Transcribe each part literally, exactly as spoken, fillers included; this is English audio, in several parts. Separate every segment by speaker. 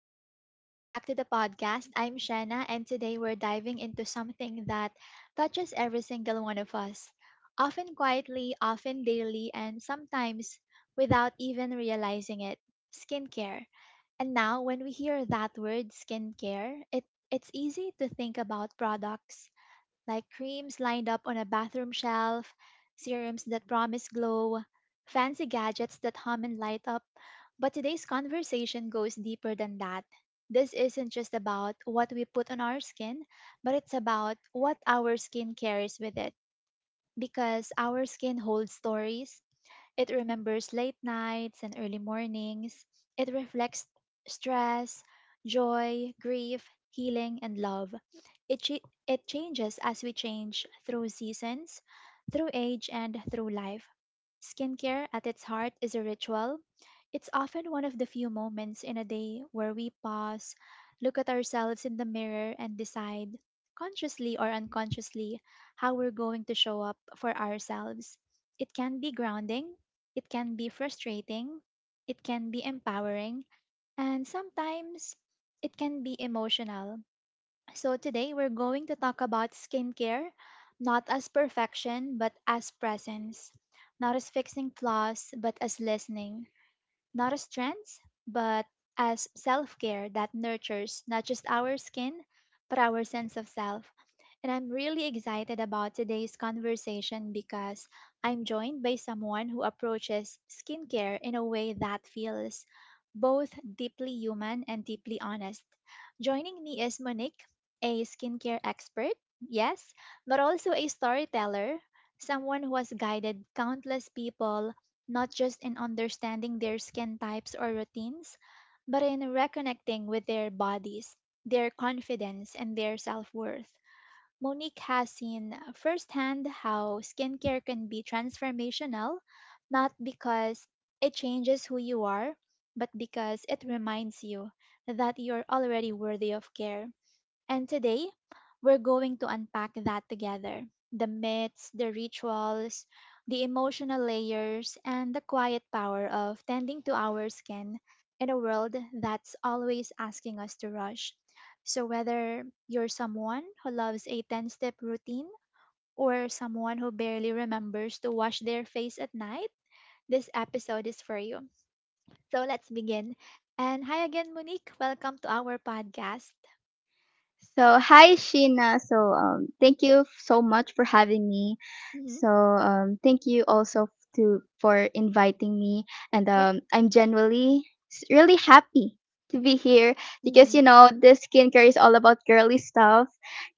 Speaker 1: Hi, welcome back to the podcast. I'm Shanna, and today we're diving into something that touches every single one of us, often quietly, often daily, and sometimes without even realizing it skincare. And now, when we hear that word skincare, it, it's easy to think about products like creams lined up on a bathroom shelf, serums that promise glow, fancy gadgets that hum and light up. But today's conversation goes deeper than that. This isn't just about what we put on our skin, but it's about what our skin carries with it. Because our skin holds stories, it remembers late nights and early mornings. It reflects stress, joy, grief, healing, and love. It, ch- it changes as we change through seasons, through age, and through life. Skincare at its heart is a ritual. It's often one of the few moments in a day where we pause, look at ourselves in the mirror, and decide, consciously or unconsciously, how we're going to show up for ourselves. It can be grounding, it can be frustrating, it can be empowering, and sometimes it can be emotional. So, today we're going to talk about skincare, not as perfection, but as presence, not as fixing flaws, but as listening, not as trends, but as self care that nurtures not just our skin, but our sense of self. And I'm really excited about today's conversation because I'm joined by someone who approaches skincare in a way that feels both deeply human and deeply honest. Joining me is Monique, a skincare expert, yes, but also a storyteller, someone who has guided countless people not just in understanding their skin types or routines, but in reconnecting with their bodies, their confidence, and their self worth. Monique has seen firsthand how skincare can be transformational, not because it changes who you are, but because it reminds you that you're already worthy of care. And today, we're going to unpack that together the myths, the rituals, the emotional layers, and the quiet power of tending to our skin in a world that's always asking us to rush. So, whether you're someone who loves a ten step routine or someone who barely remembers to wash their face at night, this episode is for you. So, let's begin. And hi again, Monique. Welcome to our podcast.
Speaker 2: So, hi Sheena. So, um, thank you so much for having me.
Speaker 1: Hmm.
Speaker 2: So, um, Thank you also to for inviting me. And
Speaker 1: Yeah.
Speaker 2: um, I'm genuinely s- really happy to be here because
Speaker 1: Hmm.
Speaker 2: you know this skincare is all about girly stuff,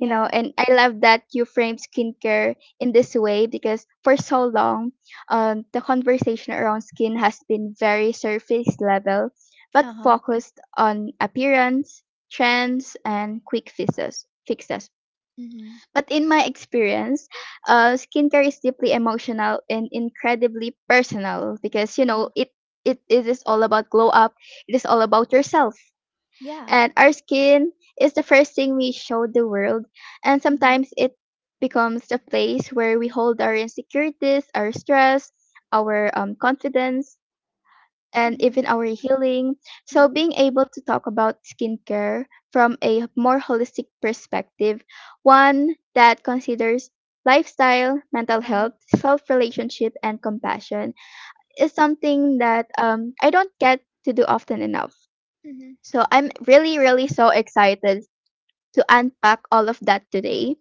Speaker 2: you know. And I love that you frame skincare in this way because for so long, um, the conversation around skin has been very surface level, but
Speaker 1: Uh-huh.
Speaker 2: focused on appearance trends and quick fixes fixes
Speaker 1: Mhm.
Speaker 2: but in my experience uh, skincare is deeply emotional and incredibly personal because you
Speaker 1: Uh-huh.
Speaker 2: know it it, it is all about glow up, it is all about yourself
Speaker 1: Yeah.
Speaker 2: and our skin is the first thing we show the world and
Speaker 1: Mhm.
Speaker 2: sometimes it becomes the place where we hold our insecurities, our stress, our um, confidence and
Speaker 1: Mhm.
Speaker 2: even our healing. So,
Speaker 1: Mhm.
Speaker 2: being able to talk about skincare from a more holistic perspective, one that considers lifestyle, mental
Speaker 1: Uh-huh.
Speaker 2: health, self relationship, and compassion, is something that um, I don't get to do often enough.
Speaker 1: Mhm.
Speaker 2: So, I'm really, really so excited to unpack all of that today,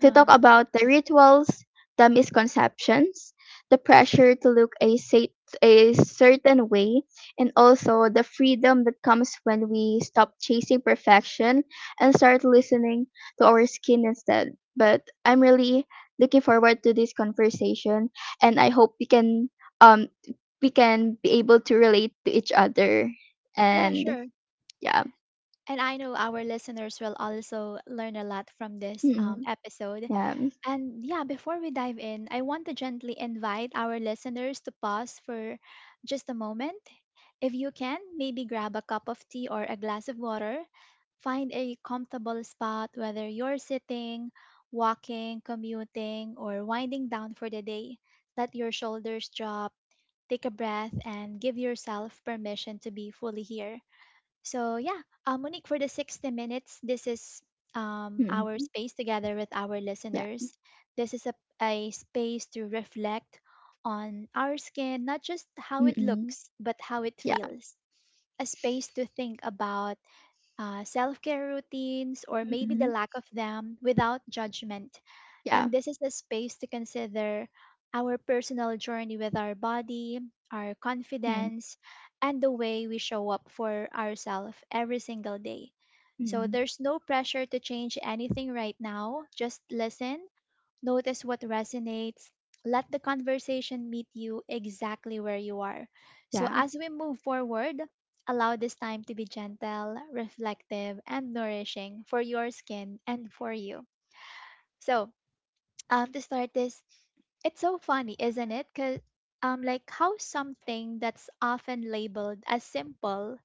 Speaker 2: to talk
Speaker 1: Uh-huh.
Speaker 2: about the rituals, the misconceptions, the pressure to look a, sa- a certain way, and also the freedom that comes when we stop chasing perfection and start listening to our skin instead. But I'm really looking forward to this conversation, and I hope we can um we can be able to relate to each other.
Speaker 1: Yeah,
Speaker 2: And
Speaker 1: sure.
Speaker 2: yeah,
Speaker 1: And I know our listeners will also learn a lot from this
Speaker 2: mm,
Speaker 1: um, episode.
Speaker 2: yeah,
Speaker 1: And yeah, before we dive in, I want to gently invite our listeners to pause for just a moment. If you can, maybe grab a cup of tea or a glass of water. Find a comfortable spot, whether you're sitting, walking, commuting, or winding down for the day. Let your shoulders drop, take a breath, and give yourself permission to be fully here. So yeah, uh, Monique, for the sixty minutes, this is um, our
Speaker 2: mm,
Speaker 1: space together with our
Speaker 2: yeah,
Speaker 1: listeners. This is a, a space to reflect on our skin, not just how it
Speaker 2: mm,
Speaker 1: looks, but how it
Speaker 2: yeah.
Speaker 1: feels. A space to think about uh, self care routines or maybe the
Speaker 2: Mm-mm.
Speaker 1: lack of them without judgment. And this is a space to consider our personal journey with our body, our
Speaker 2: Yeah.
Speaker 1: confidence, and the way we show up for ourselves every single day. So
Speaker 2: Mhm.
Speaker 1: there's no pressure to change anything right now. Just listen, notice what resonates, let the conversation meet you exactly where you are. So
Speaker 2: Yeah.
Speaker 1: as we move forward, allow this time to be gentle, reflective, and nourishing for your skin and for you. So, um, to start this, it's so funny, isn't it? Cause um, like how something that's often labeled as simple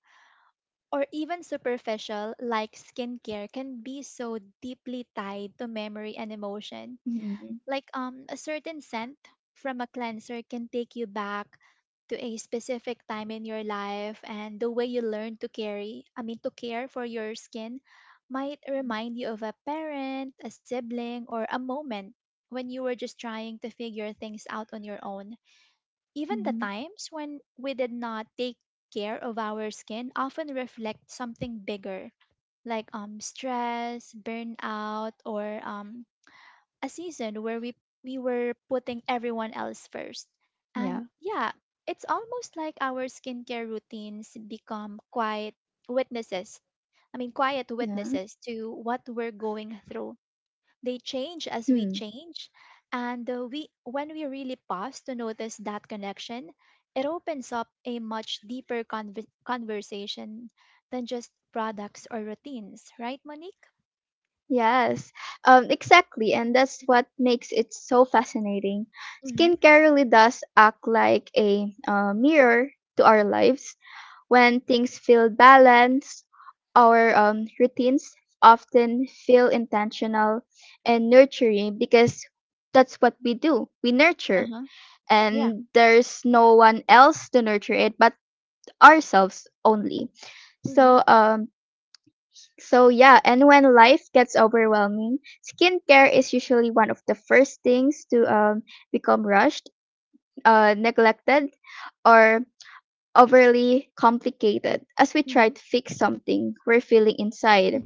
Speaker 1: or even superficial, like skincare, can be so deeply tied to memory and emotion.
Speaker 2: Mhm.
Speaker 1: Like um, a certain scent from a cleanser can take you back to a specific time in your life, and the way you learn to carry, I mean, to care for your skin might remind you of a parent, a sibling, or a moment when you were just trying to figure things out on your own. Even the
Speaker 2: Mhm.
Speaker 1: times when we did not take care of our skin often reflect something bigger, like um stress, burnout, or um a season where we we were putting everyone else first.
Speaker 2: Yeah.
Speaker 1: And yeah, it's almost like our skincare routines become quiet witnesses. I mean, quiet
Speaker 2: Yeah.
Speaker 1: witnesses to what we're going through. They change as we
Speaker 2: Hmm.
Speaker 1: change, and uh, we when we really pause to notice that connection, it opens up a much deeper conver- conversation than just products or routines, right, Monique?
Speaker 2: Yes. Um. Exactly. And that's what makes it so fascinating.
Speaker 1: Mm-hmm.
Speaker 2: Skincare really does act like a uh, mirror to our lives. When things feel balanced, our um routines often feel intentional and nurturing because that's what we do. We
Speaker 1: Uh
Speaker 2: nurture,
Speaker 1: huh. Yeah.
Speaker 2: and there's no one else to nurture it but ourselves only.
Speaker 1: Mm-hmm.
Speaker 2: So um so yeah, and when life gets overwhelming, skincare is usually one of the first things to um become rushed, uh neglected or overly complicated as we try
Speaker 1: Mm-hmm.
Speaker 2: to fix something we're feeling inside.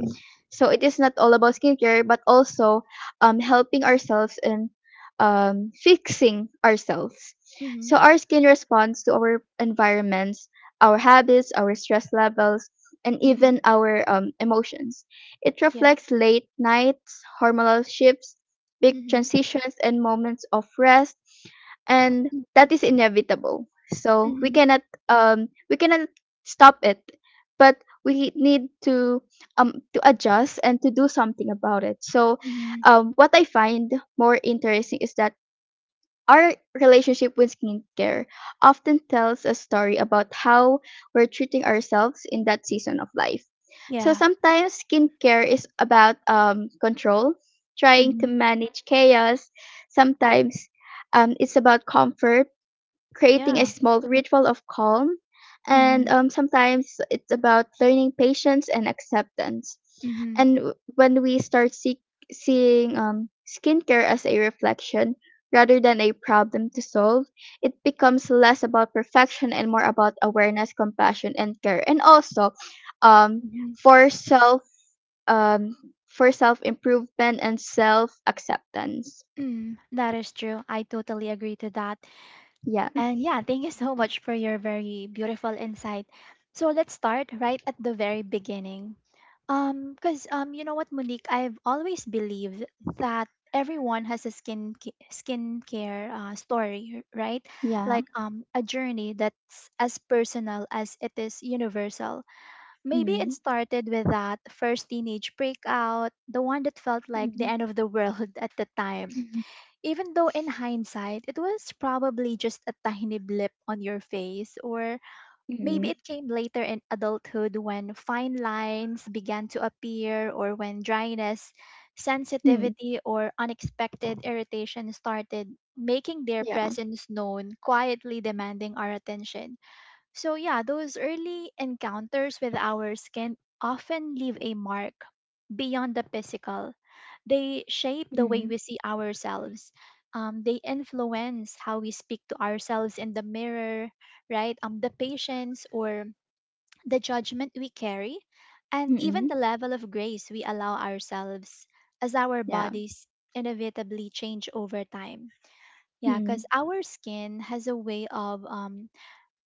Speaker 2: So it is not all about skincare, but also um, helping ourselves and um, fixing ourselves.
Speaker 1: Mhm.
Speaker 2: So our skin responds to our environments, our habits, our stress levels, and
Speaker 1: Mhm.
Speaker 2: even our um, emotions. It
Speaker 1: Yeah.
Speaker 2: reflects late nights, hormonal shifts, big
Speaker 1: Mhm.
Speaker 2: transitions, and moments of rest, and
Speaker 1: Mm.
Speaker 2: that is inevitable. So we
Speaker 1: Mhm.
Speaker 2: cannot um, we cannot stop it, but we need to um to adjust and to do something about it. So,
Speaker 1: Mhm.
Speaker 2: um, what I find more interesting is that our relationship with skincare often tells a story about how we're treating ourselves in that season of life. So
Speaker 1: Yeah.
Speaker 2: sometimes skincare is about um, control, trying to
Speaker 1: Mhm.
Speaker 2: manage chaos. Sometimes um, it's about comfort, creating a
Speaker 1: Yeah.
Speaker 2: small ritual of calm. And
Speaker 1: Mhm.
Speaker 2: um, sometimes it's about learning patience and acceptance.
Speaker 1: Mhm.
Speaker 2: And w- when we start see- seeing um, skincare as a reflection rather than a problem to solve, it becomes less about perfection and more about awareness, compassion, and care. And also, um,
Speaker 1: Mhm.
Speaker 2: for self, um, for self improvement and self acceptance.
Speaker 1: Mm. That is true. I totally agree to that.
Speaker 2: Yeah,
Speaker 1: And yeah, thank you so much for your very beautiful insight. So let's start right at the very beginning. Um, because um, you know what, Monique, I've always believed that everyone has a skin ca- skincare uh, story, right?
Speaker 2: yeah.
Speaker 1: Like um, a journey that's as personal as it is universal. Maybe it
Speaker 2: Mm.
Speaker 1: started with that first teenage breakout, the one that felt like the
Speaker 2: Mm.
Speaker 1: end of the world at the time. Even though in hindsight, it was probably just a tiny blip on your face, or maybe
Speaker 2: Mm.
Speaker 1: it came later in adulthood when fine lines began to appear, or when dryness,
Speaker 2: Mm.
Speaker 1: sensitivity, or unexpected irritation started making their
Speaker 2: Yeah.
Speaker 1: presence known, quietly demanding our attention. So, yeah, those early encounters with ours can often leave a mark beyond the physical. They shape the way
Speaker 2: Mhm.
Speaker 1: we see ourselves. Um, they influence how we speak to ourselves in the mirror, right? Um, the patience or the judgment we carry, and even
Speaker 2: Mhm.
Speaker 1: the level of grace we allow ourselves as our
Speaker 2: Yeah.
Speaker 1: bodies inevitably change over time. Yeah,
Speaker 2: Mhm.
Speaker 1: because our skin has a way of um,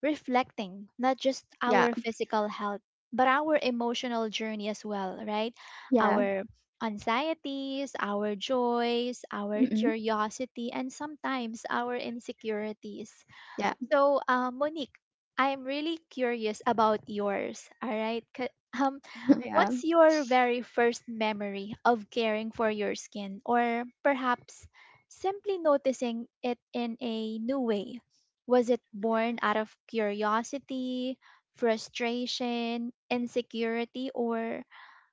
Speaker 1: reflecting not just
Speaker 2: Yeah.
Speaker 1: our physical health but our emotional journey as well, right?
Speaker 2: Yeah.
Speaker 1: Our anxieties, our joys, our
Speaker 2: Mhm.
Speaker 1: curiosity, and sometimes our insecurities.
Speaker 2: Yeah.
Speaker 1: So, uh, Monique, I'm really curious about yours. All right. Ca- Um,
Speaker 2: Yeah.
Speaker 1: what's your very first memory of caring for your skin, or perhaps simply noticing it in a new way? Was it born out of curiosity, frustration, insecurity, or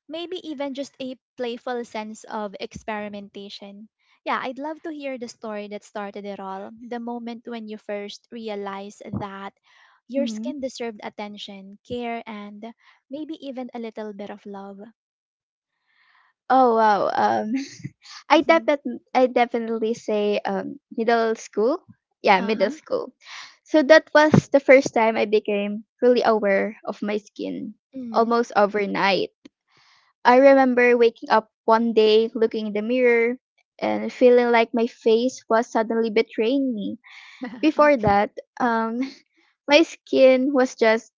Speaker 1: maybe even just a playful sense of experimentation? Yeah, I'd love to hear the story that started it all, the moment when you first realized that your
Speaker 2: Mhm.
Speaker 1: skin deserved attention, care, and maybe even a little bit of love.
Speaker 2: Oh wow. Um I definitely I definitely say um middle school. Yeah,
Speaker 1: Uh
Speaker 2: middle
Speaker 1: huh.
Speaker 2: school. So that was the first time I became really aware of my skin
Speaker 1: Mm-hmm.
Speaker 2: almost overnight. I remember waking up one day looking in the mirror and feeling like my face was suddenly betraying me. Before
Speaker 1: Okay.
Speaker 2: that, um my skin was just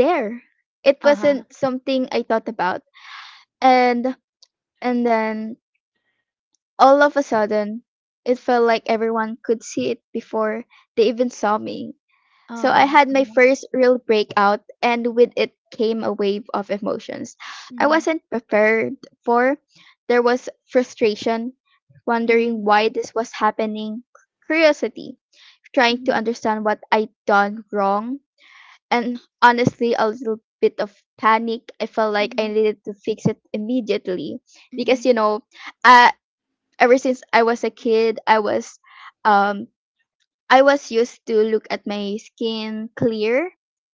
Speaker 2: there. It
Speaker 1: Uh huh.
Speaker 2: wasn't something I thought about. And and then all of a sudden it felt like everyone could see it before they even saw me. So I
Speaker 1: Oh.
Speaker 2: had my
Speaker 1: Uh-huh.
Speaker 2: first real breakout and with it came a wave of emotions I
Speaker 1: Mm-hmm.
Speaker 2: wasn't prepared for. There was frustration,
Speaker 1: Mm-hmm.
Speaker 2: wondering why this was happening, curiosity, trying to
Speaker 1: Mm-hmm.
Speaker 2: understand what I'd done wrong, and honestly a little bit of panic. I felt like I
Speaker 1: Mm-hmm.
Speaker 2: needed to fix it immediately
Speaker 1: Mm-hmm.
Speaker 2: because you know, uh, ever since I was a kid, I was um I was used to look at my skin clear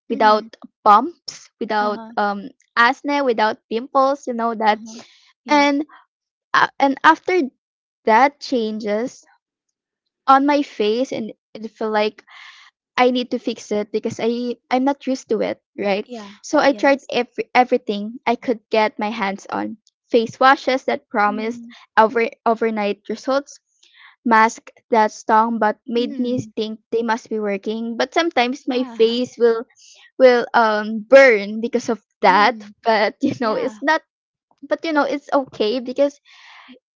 Speaker 1: Mm-hmm.
Speaker 2: without bumps,
Speaker 1: Uh
Speaker 2: without
Speaker 1: huh.
Speaker 2: um acne, without pimples, you know
Speaker 1: Uh
Speaker 2: that.
Speaker 1: huh. Yeah.
Speaker 2: And uh, and after that changes on my face and it felt like I need to fix it because I I'm not used to it, right?
Speaker 1: Yeah.
Speaker 2: So I tried
Speaker 1: Yes.
Speaker 2: every everything I could get my hands on. Face washes that promised
Speaker 1: Mm-hmm.
Speaker 2: over overnight results, mask that stung but made me
Speaker 1: Mm-hmm.
Speaker 2: think they must be working. But sometimes my
Speaker 1: Yeah.
Speaker 2: face will will um burn because of that.
Speaker 1: Mm.
Speaker 2: But you know,
Speaker 1: Yeah.
Speaker 2: it's not, but you know, it's okay because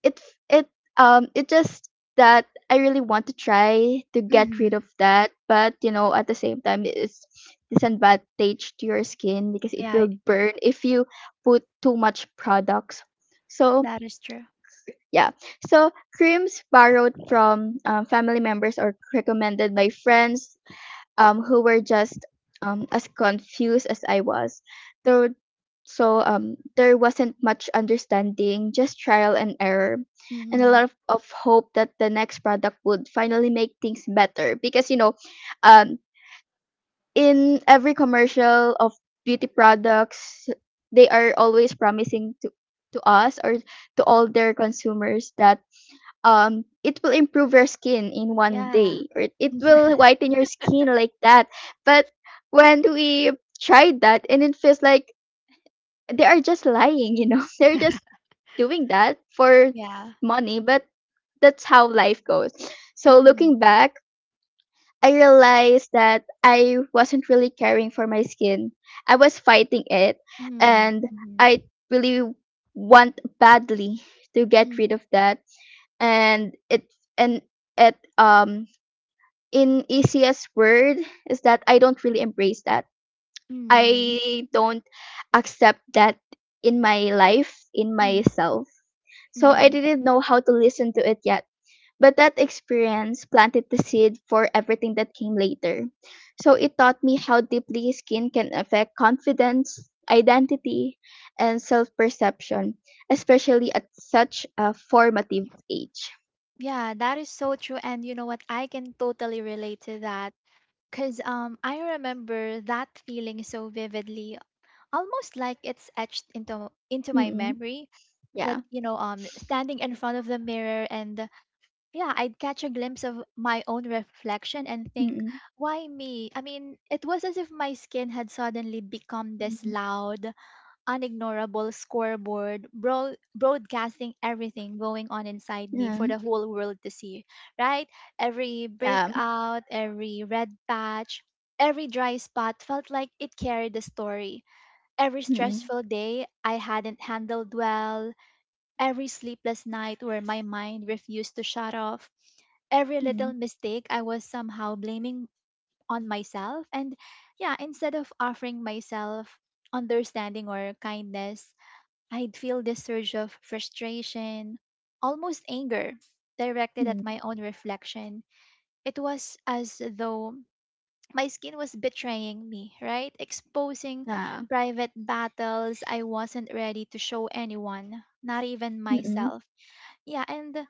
Speaker 2: it's it um it just that I really want to try to get rid
Speaker 1: Mhm.
Speaker 2: of that, but you know at the same time it's disadvantage to your skin because it
Speaker 1: Yeah,
Speaker 2: will
Speaker 1: I-
Speaker 2: burn if you put too much products. So
Speaker 1: that is true.
Speaker 2: yeah, so creams borrowed from um, family members or recommended by friends um, who were just um, as confused as I was. There so um, there wasn't much understanding, just trial and error, and a lot
Speaker 1: Mhm.
Speaker 2: of, of hope that the next product would finally make things better. Because you know, um, in every commercial of beauty products, they are always promising to to us or to all their consumers that um it will improve your skin in one
Speaker 1: Yeah.
Speaker 2: day, or it, it will whiten your skin like that, but when we tried that and it feels like they are just lying, you know they're just doing that for
Speaker 1: Yeah.
Speaker 2: money, but that's how life goes. So
Speaker 1: Mhm.
Speaker 2: looking back, I realized that I wasn't really caring for my skin, I was fighting it,
Speaker 1: Mm.
Speaker 2: and
Speaker 1: Mhm.
Speaker 2: I really want badly to get
Speaker 1: Mm.
Speaker 2: rid of that, and it's and it um in easiest word is that I don't really embrace that.
Speaker 1: Mm.
Speaker 2: I don't accept that in my life, in
Speaker 1: Mhm.
Speaker 2: myself. So I
Speaker 1: Mhm.
Speaker 2: didn't know how to listen to it yet. But that experience planted the seed for everything that came later. So it taught me how deeply skin can affect confidence, identity, and self perception, especially at such a formative age.
Speaker 1: Yeah, that is so true. And you know what? I can totally relate to that. Because um, I remember that feeling so vividly, almost like it's etched into into my
Speaker 2: Mm.
Speaker 1: memory. That,
Speaker 2: Yeah.
Speaker 1: you know, um, standing in front of the mirror and yeah, I'd catch a glimpse of my own reflection and think,
Speaker 2: Mm,
Speaker 1: why me? I mean, it was as if my skin had suddenly become this
Speaker 2: mm,
Speaker 1: loud, unignorable scoreboard, bro- broadcasting everything going on inside me
Speaker 2: yeah,
Speaker 1: for the whole world to see, right? Every
Speaker 2: yeah,
Speaker 1: breakout, every red patch, every dry spot felt like it carried a story. Every
Speaker 2: mm,
Speaker 1: stressful day I hadn't handled well, every sleepless night where my mind refused to shut off, every
Speaker 2: mm,
Speaker 1: little mistake I was somehow blaming on myself. And yeah, instead of offering myself understanding or kindness, I'd feel this surge of frustration, almost anger, directed at
Speaker 2: mm,
Speaker 1: my own reflection. It was as though my skin was betraying me, right? Exposing
Speaker 2: yeah,
Speaker 1: private battles I wasn't ready to show anyone, not even
Speaker 2: mm,
Speaker 1: myself. Yeah, and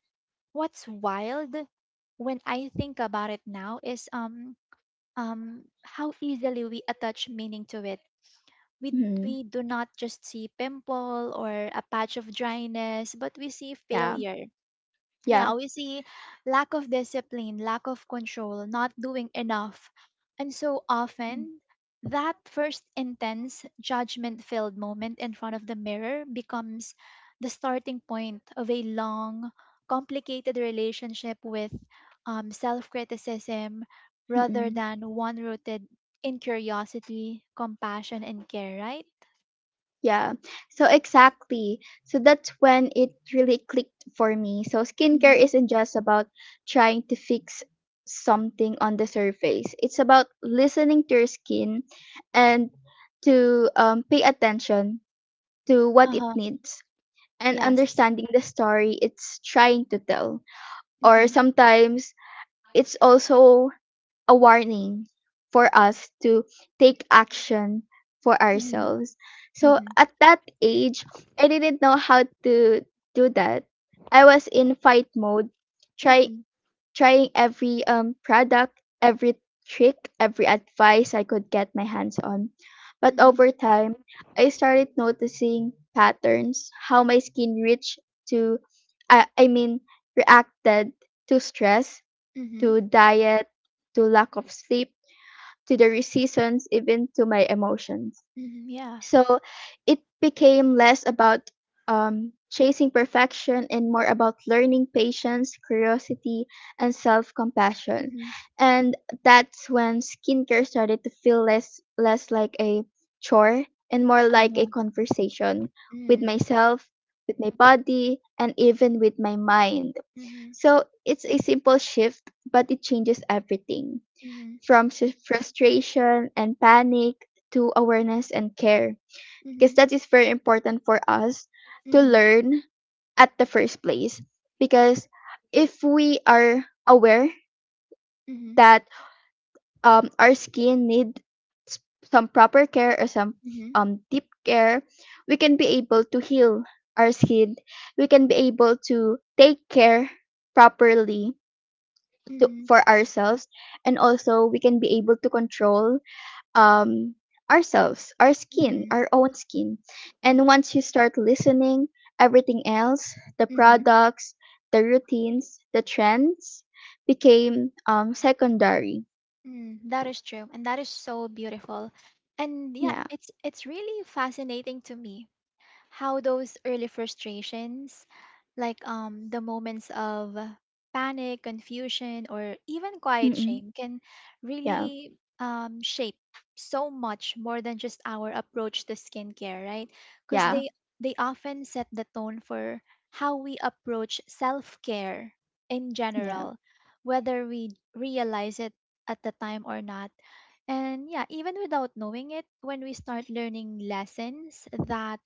Speaker 1: what's wild when I think about it now is um um how easily we attach meaning to it. We
Speaker 2: mm,
Speaker 1: we do not just see pimple or a patch of dryness, but we see
Speaker 2: yeah,
Speaker 1: failure,
Speaker 2: yeah,
Speaker 1: yeah, we see lack of discipline, lack of control, not doing enough. And so
Speaker 2: mm,
Speaker 1: often, that first intense judgment filled moment in front of the mirror becomes the starting point of a long, complicated relationship with um, self criticism rather
Speaker 2: mm,
Speaker 1: than one rooted in curiosity, compassion, and care, right?
Speaker 2: yeah. So exactly. So that's when it really clicked for me. So skincare
Speaker 1: Mm-hmm.
Speaker 2: isn't just about trying to fix something on the surface. It's about listening to your skin and to um, pay attention to
Speaker 1: Uh
Speaker 2: what it
Speaker 1: huh.
Speaker 2: needs and
Speaker 1: Yes.
Speaker 2: understanding the story it's trying to tell, or
Speaker 1: Mm-hmm.
Speaker 2: sometimes it's also a warning for us to take action for
Speaker 1: Mm-hmm.
Speaker 2: ourselves. So
Speaker 1: Mm-hmm.
Speaker 2: at that age, I didn't know how to do that. I was in fight mode, try
Speaker 1: Mm-hmm.
Speaker 2: trying every um product, every trick, every advice I could get my hands on. But over time, I started noticing patterns, how my skin reached to I I mean reacted to stress,
Speaker 1: Mm-hmm.
Speaker 2: to diet, to lack of sleep, to the re- seasons, even to my emotions.
Speaker 1: Mhm, yeah.
Speaker 2: So it became less about um, chasing perfection and more about learning patience, curiosity, and self compassion.
Speaker 1: Mhm.
Speaker 2: And that's when skincare started to feel less less like a chore and more like a
Speaker 1: Uh-huh.
Speaker 2: conversation with
Speaker 1: Mm.
Speaker 2: myself, with my body, and even with my mind.
Speaker 1: Mhm.
Speaker 2: So it's a simple shift, but it changes everything
Speaker 1: Mhm.
Speaker 2: from s- frustration and panic to awareness and care. Because
Speaker 1: Mhm.
Speaker 2: that is very important for us to
Speaker 1: Mhm.
Speaker 2: learn at the first place. Because if we are aware
Speaker 1: Mhm.
Speaker 2: that um, our skin needs some proper care or some
Speaker 1: Mhm.
Speaker 2: um, deep care, we can be able to heal our skin. We can be able to take care properly to,
Speaker 1: Mhm.
Speaker 2: for ourselves, and also we can be able to control um ourselves, our skin,
Speaker 1: Mhm.
Speaker 2: our own skin,
Speaker 1: Mm.
Speaker 2: and once you start listening everything else, the
Speaker 1: Mhm.
Speaker 2: products, the routines, the trends, became um secondary.
Speaker 1: Mm. That is true, and that is so beautiful. And yeah,
Speaker 2: Yeah.
Speaker 1: it's it's really fascinating to me how those early frustrations, like um the moments of panic, confusion, or even quiet
Speaker 2: Mm-mm.
Speaker 1: shame can
Speaker 2: Yeah,
Speaker 1: really um, shape so much more than just our approach to skincare, right? Because
Speaker 2: yeah,
Speaker 1: they they often set the tone for how we approach self-care in
Speaker 2: yeah,
Speaker 1: general, whether we realize it at the time or not. And yeah, even without knowing it, when we start learning lessons that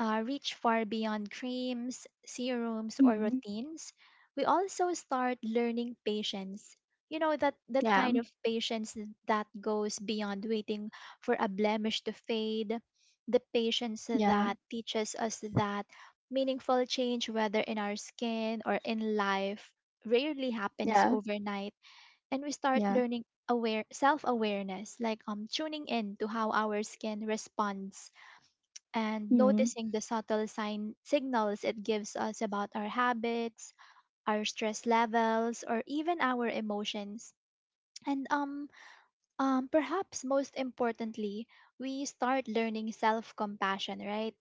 Speaker 1: uh, reach far beyond creams, serums, or
Speaker 2: mm,
Speaker 1: routines, we also start learning patience. You know, that that
Speaker 2: yeah,
Speaker 1: kind of patience that goes beyond waiting for a blemish to fade, the patience
Speaker 2: yeah,
Speaker 1: that teaches us that meaningful change, whether in our skin or in life, rarely happens
Speaker 2: yeah,
Speaker 1: overnight, and we start
Speaker 2: yeah,
Speaker 1: learning aware self awareness, like um tuning in to how our skin responds and
Speaker 2: mm,
Speaker 1: noticing the subtle sign signals it gives us about our habits, our stress levels, or even our emotions. And um, um, Perhaps most importantly, we start learning self-compassion, right?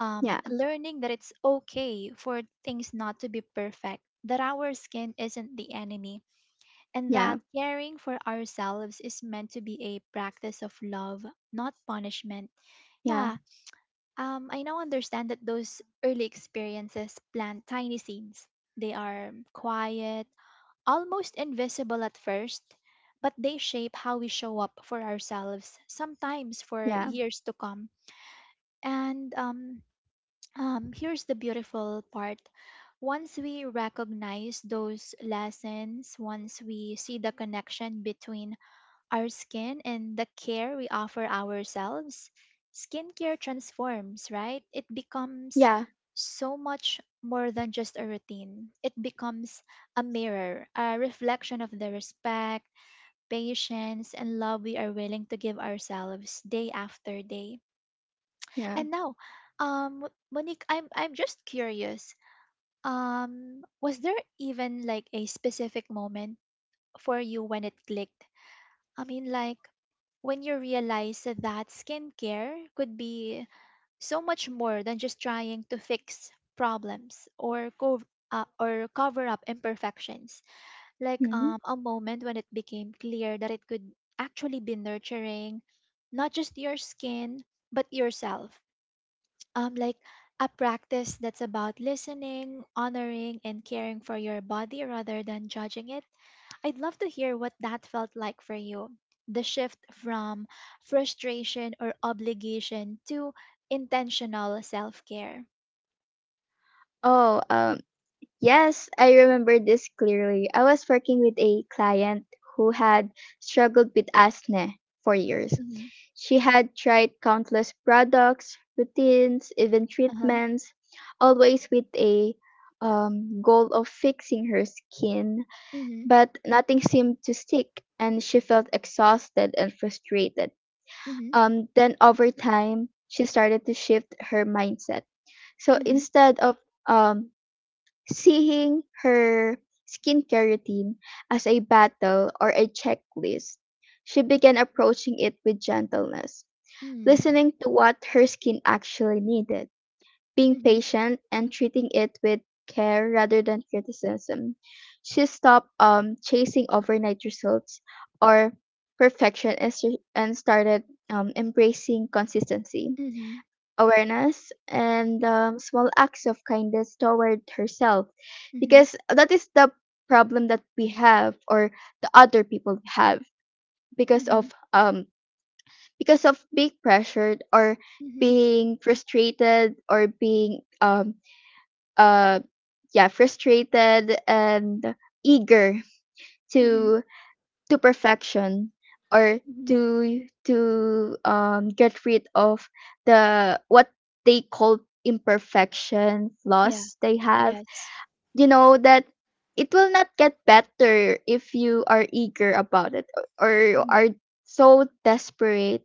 Speaker 1: Um,
Speaker 2: yeah,
Speaker 1: learning that it's okay for things not to be perfect, that our skin isn't the enemy, and that
Speaker 2: yeah,
Speaker 1: caring for ourselves is meant to be a practice of love, not punishment.
Speaker 2: yeah,
Speaker 1: Yeah, um, I now understand that those early experiences plant tiny seeds. They are quiet, almost invisible at first, but they shape how we show up for ourselves, sometimes for
Speaker 2: yeah,
Speaker 1: years to come. And um, um, Here's the beautiful part. Once we recognize those lessons, once we see the connection between our skin and the care we offer ourselves, skincare transforms, right? It becomes
Speaker 2: yeah,
Speaker 1: so much more than just a routine. It becomes a mirror, a reflection of the respect, patience, and love we are willing to give ourselves day after day.
Speaker 2: yeah,
Speaker 1: And now, um, Monique, I'm I'm just curious. Um, was there even like a specific moment for you when it clicked? I mean, like when you realize that skincare could be so much more than just trying to fix problems or co- uh, or cover up imperfections, like
Speaker 2: mm.
Speaker 1: um, a moment when it became clear that it could actually be nurturing, not just your skin but yourself, um like a practice that's about listening, honoring and caring for your body rather than judging it. I'd love to hear what that felt like for you. The shift from frustration or obligation to intentional self-care.
Speaker 2: oh um Yes, I remember this clearly. I was working with a client who had struggled with acne for years.
Speaker 1: Mhm.
Speaker 2: She had tried countless products, routines, even
Speaker 1: Uh-huh.
Speaker 2: treatments, always with a um, goal of fixing her skin,
Speaker 1: Mhm.
Speaker 2: but nothing seemed to stick, and she felt exhausted and frustrated.
Speaker 1: Mhm.
Speaker 2: Um, then, over time, she started to shift her mindset. So
Speaker 1: Mhm.
Speaker 2: instead of um, seeing her skincare routine as a battle or a checklist, she began approaching it with gentleness,
Speaker 1: Mhm.
Speaker 2: listening to what her skin actually needed, being
Speaker 1: Mhm.
Speaker 2: patient, and treating it with care rather than criticism. She stopped um, chasing overnight results or perfection and, s- and started um, embracing consistency
Speaker 1: Mhm.
Speaker 2: awareness and um, small acts of kindness toward herself,
Speaker 1: Mhm.
Speaker 2: because that is the problem that we have, or the other people have, because of
Speaker 1: Mhm.
Speaker 2: um because of being pressured or
Speaker 1: Mhm.
Speaker 2: being frustrated or being um uh yeah, frustrated and eager
Speaker 1: Mhm.
Speaker 2: to to perfection, or
Speaker 1: Mhm.
Speaker 2: to to um, get rid of the what they call imperfection
Speaker 1: Yeah.
Speaker 2: flaws they have.
Speaker 1: Yes.
Speaker 2: You know that it will not get better if you are eager about it, or you
Speaker 1: Mhm.
Speaker 2: are so desperate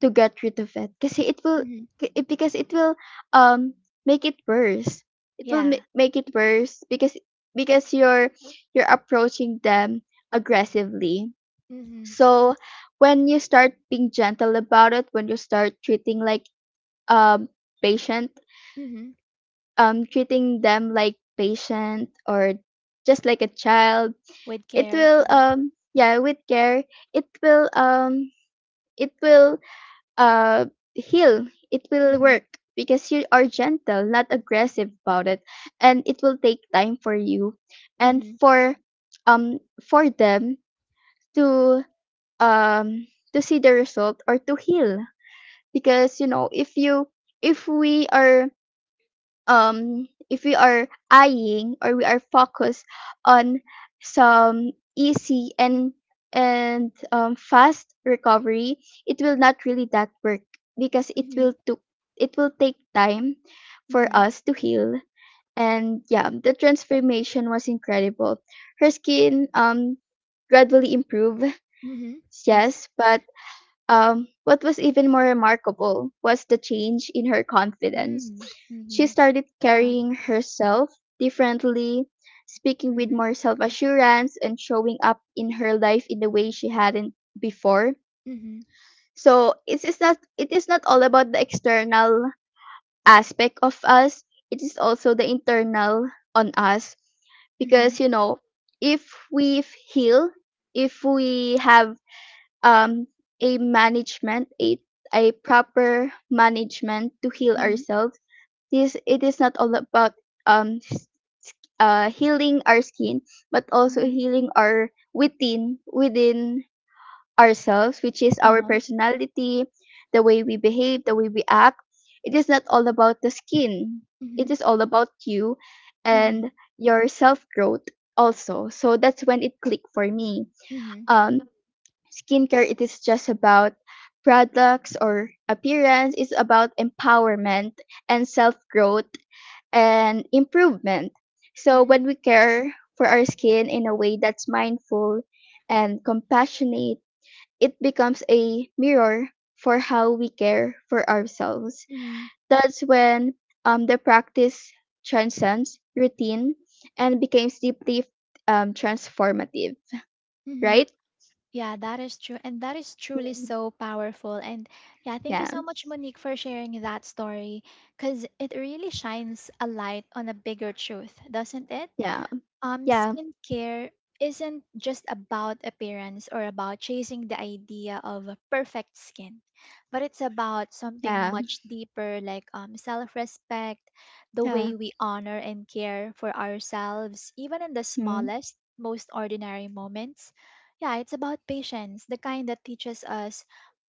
Speaker 2: to get rid of it. Because it will
Speaker 1: Mhm.
Speaker 2: it, because it will um make it worse. It will
Speaker 1: Yeah.
Speaker 2: ma- make it worse because because you're you're approaching them aggressively.
Speaker 1: Mhm.
Speaker 2: So when you start being gentle about it, when you start treating like um patient,
Speaker 1: Mhm.
Speaker 2: um treating them like patient or just like a child,
Speaker 1: With
Speaker 2: it
Speaker 1: care.
Speaker 2: will
Speaker 1: Mhm.
Speaker 2: um yeah, with care, it will um it will uh heal. It will
Speaker 1: Mhm.
Speaker 2: work because you are gentle, not aggressive about it. And it will take time for you and
Speaker 1: Mhm,
Speaker 2: for um for them to um to see the result or to heal. Because you know, if you if we are um if we are eyeing, or we are focused on some easy and and um, fast recovery, it will not really that work because it
Speaker 1: mhm,
Speaker 2: will took it will take time for
Speaker 1: mhm,
Speaker 2: us to heal. And yeah, the transformation was incredible. Her skin um gradually improved.
Speaker 1: mhm. I see.
Speaker 2: Yes, but um, what was even more remarkable was the change in her confidence.
Speaker 1: Mm, mhm.
Speaker 2: She started
Speaker 1: Yeah.
Speaker 2: carrying herself differently, speaking with
Speaker 1: Mhm,
Speaker 2: more self assurance, and showing up in her life in the way she hadn't before.
Speaker 1: mhm,
Speaker 2: So it is not, it is not all about the external aspect of us. It is also the internal on us,
Speaker 1: mhm,
Speaker 2: because you know, if we f- heal, if we have um a management, a a proper management to heal
Speaker 1: mhm,
Speaker 2: ourselves, this it is not all about um s- uh healing our skin, but also
Speaker 1: mhm.
Speaker 2: healing our within within ourselves, which is our
Speaker 1: Uh-huh.
Speaker 2: personality, the way we behave, the way we act. It is not all about the skin,
Speaker 1: Mhm,
Speaker 2: it is all about you
Speaker 1: mhm,
Speaker 2: and your self growth also. So that's when it clicked for me.
Speaker 1: mhm,
Speaker 2: um Skincare, it is just about products or appearance, it's about empowerment and self-growth and improvement. So
Speaker 1: mhm,
Speaker 2: when we care for our skin in a way that's mindful and compassionate, it becomes a mirror for how we care for ourselves.
Speaker 1: mhm,
Speaker 2: That's when um, the practice transcends routine and becomes deeply um, transformative,
Speaker 1: mhm.
Speaker 2: right?
Speaker 1: Yeah, that is true. And that is truly
Speaker 2: Mhm.
Speaker 1: so powerful. And yeah, thank you
Speaker 2: Yeah,
Speaker 1: so much, Monique, for sharing that story because it really shines a light on a bigger truth, doesn't it?
Speaker 2: yeah,
Speaker 1: Um,
Speaker 2: yeah.
Speaker 1: skincare isn't just about appearance or about chasing the idea of a perfect skin, but it's about something
Speaker 2: Yeah,
Speaker 1: much deeper, like um, self respect, the
Speaker 2: yeah,
Speaker 1: way we honor and care for ourselves, even in the
Speaker 2: mhm,
Speaker 1: smallest, most ordinary moments. Yeah, it's about patience, the kind that teaches us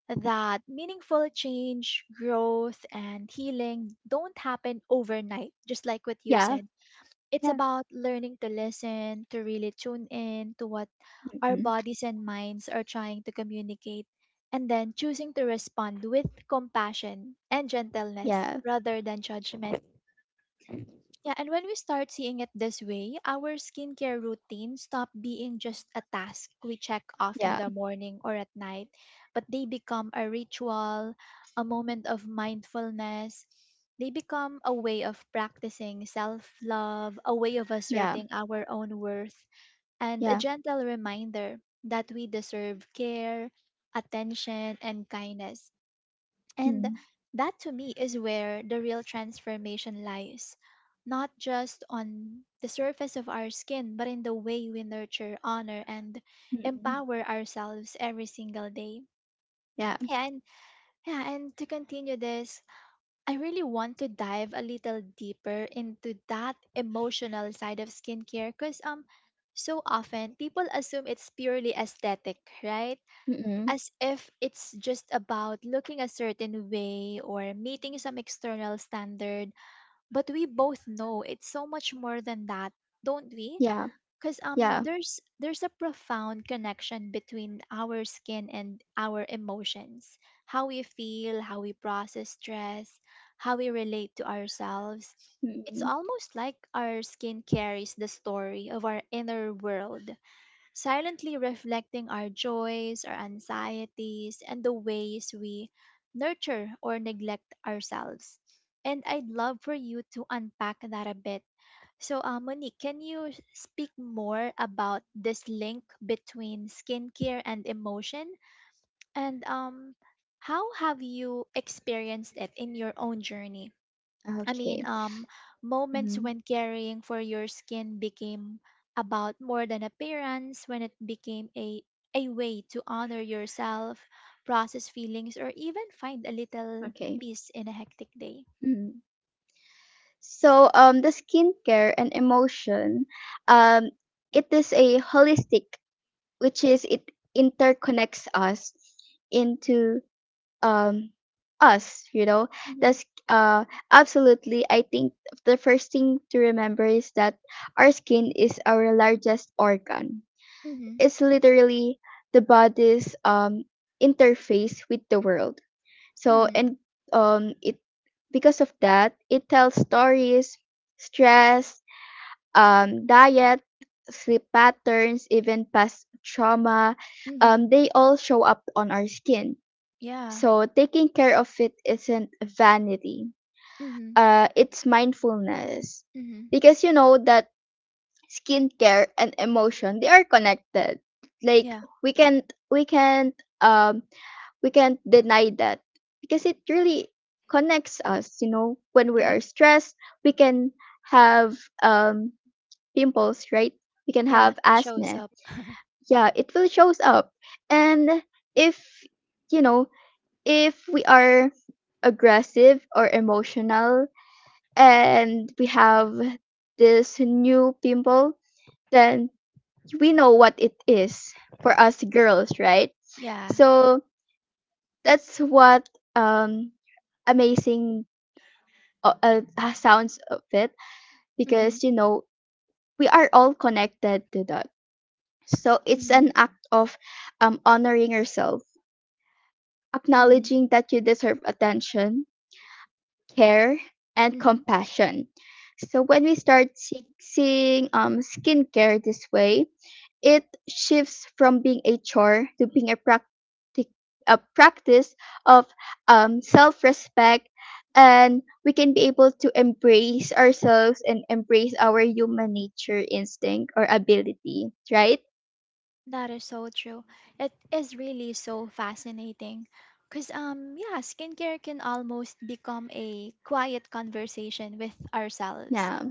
Speaker 1: that meaningful change, growth, and healing don't happen overnight, just like what you
Speaker 2: yeah,
Speaker 1: said. It's
Speaker 2: yeah,
Speaker 1: about learning to listen, to really tune in to what our
Speaker 2: mhm,
Speaker 1: bodies and minds are trying to communicate, and then choosing to respond with compassion and gentleness
Speaker 2: yeah,
Speaker 1: rather than judgment. Yeah, and when we start seeing it this way, our skincare routine stop being just a task we check off in
Speaker 2: yeah,
Speaker 1: the morning or at night, but they become a ritual, a moment of mindfulness. They become a way of practicing self love, a way of
Speaker 2: yeah,
Speaker 1: asserting our own worth, and a
Speaker 2: yeah,
Speaker 1: gentle reminder that we deserve care, attention, and kindness. And
Speaker 2: mhm,
Speaker 1: that, to me, is where the real transformation lies, not just on the surface of our skin, but in the way we nurture, honor, and
Speaker 2: mhm,
Speaker 1: empower ourselves every single day.
Speaker 2: yeah,
Speaker 1: Yeah, and yeah, and to continue this, I really want to dive a little deeper into that emotional side of skincare because um so often people assume it's purely aesthetic, right?
Speaker 2: mhm,
Speaker 1: As if it's just about looking a certain way or meeting some external standard, but we both know it's so much more than that, don't we?
Speaker 2: yeah,
Speaker 1: Because um
Speaker 2: yeah,
Speaker 1: there's there's a profound connection between our skin and our emotions, how we feel, how we process stress, how we relate to ourselves. It's
Speaker 2: mhm.
Speaker 1: almost like our skin carries the story of our inner world, silently reflecting our joys, our anxieties, and the ways we nurture or neglect ourselves. And I'd love for you to unpack that a bit. So, uh, Monique, can you speak more about this link between skincare and emotion? And um, how have you experienced it in your own journey? I mean,
Speaker 2: Okay,
Speaker 1: um, moments
Speaker 2: mhm,
Speaker 1: when caring for your skin became about more than appearance, when it became a a way to honor yourself, process feelings, or even find a little
Speaker 2: okay.
Speaker 1: peace in a hectic day.
Speaker 2: Mhm. So, um, the skincare and emotion, um, it is a holistic, which is it interconnects us into um us, you know
Speaker 1: Mhm.
Speaker 2: that's uh absolutely. I think the first thing to remember is that our skin is our largest organ.
Speaker 1: Mhm.
Speaker 2: It's literally the body's um interface with the world. So
Speaker 1: Mhm.
Speaker 2: and um it because of that, it tells stories. Stress, um diet, sleep patterns, even past trauma,
Speaker 1: Mhm.
Speaker 2: um they all show up on our skin.
Speaker 1: Yeah.
Speaker 2: So taking care of it isn't vanity.
Speaker 1: Mhm.
Speaker 2: Uh, it's mindfulness.
Speaker 1: Mhm.
Speaker 2: Because you know that skincare and emotion, they are connected. Like
Speaker 1: Yeah.
Speaker 2: we can't we can't um we can't deny that, because it really connects us. You know, when we
Speaker 1: Yes.
Speaker 2: are stressed, we can have um pimples, right? We can
Speaker 1: Yeah.
Speaker 2: have
Speaker 1: It shows
Speaker 2: acne.
Speaker 1: up.
Speaker 2: Yeah, it will shows up. And if you know if we are aggressive or emotional, and we have this new pimple, then we know what it is for us girls, right?
Speaker 1: Yeah.
Speaker 2: So that's what um amazing uh, uh, uh, sounds of it,
Speaker 1: Mhm.
Speaker 2: because you know, we are all connected to that. So it's
Speaker 1: Mhm.
Speaker 2: an act of um honoring yourself,
Speaker 1: Mhm.
Speaker 2: acknowledging that you deserve attention, care, and
Speaker 1: Mhm.
Speaker 2: compassion. So when we start see- seeing um, skincare this way, it shifts from being a chore to being a, practic- a practice of um, self-respect, and we can be able to embrace ourselves and embrace our human nature instinct or ability, right?
Speaker 1: That is so true. It is really so fascinating. Because, um, yeah, skincare can almost become a quiet conversation with ourselves.
Speaker 2: Yeah.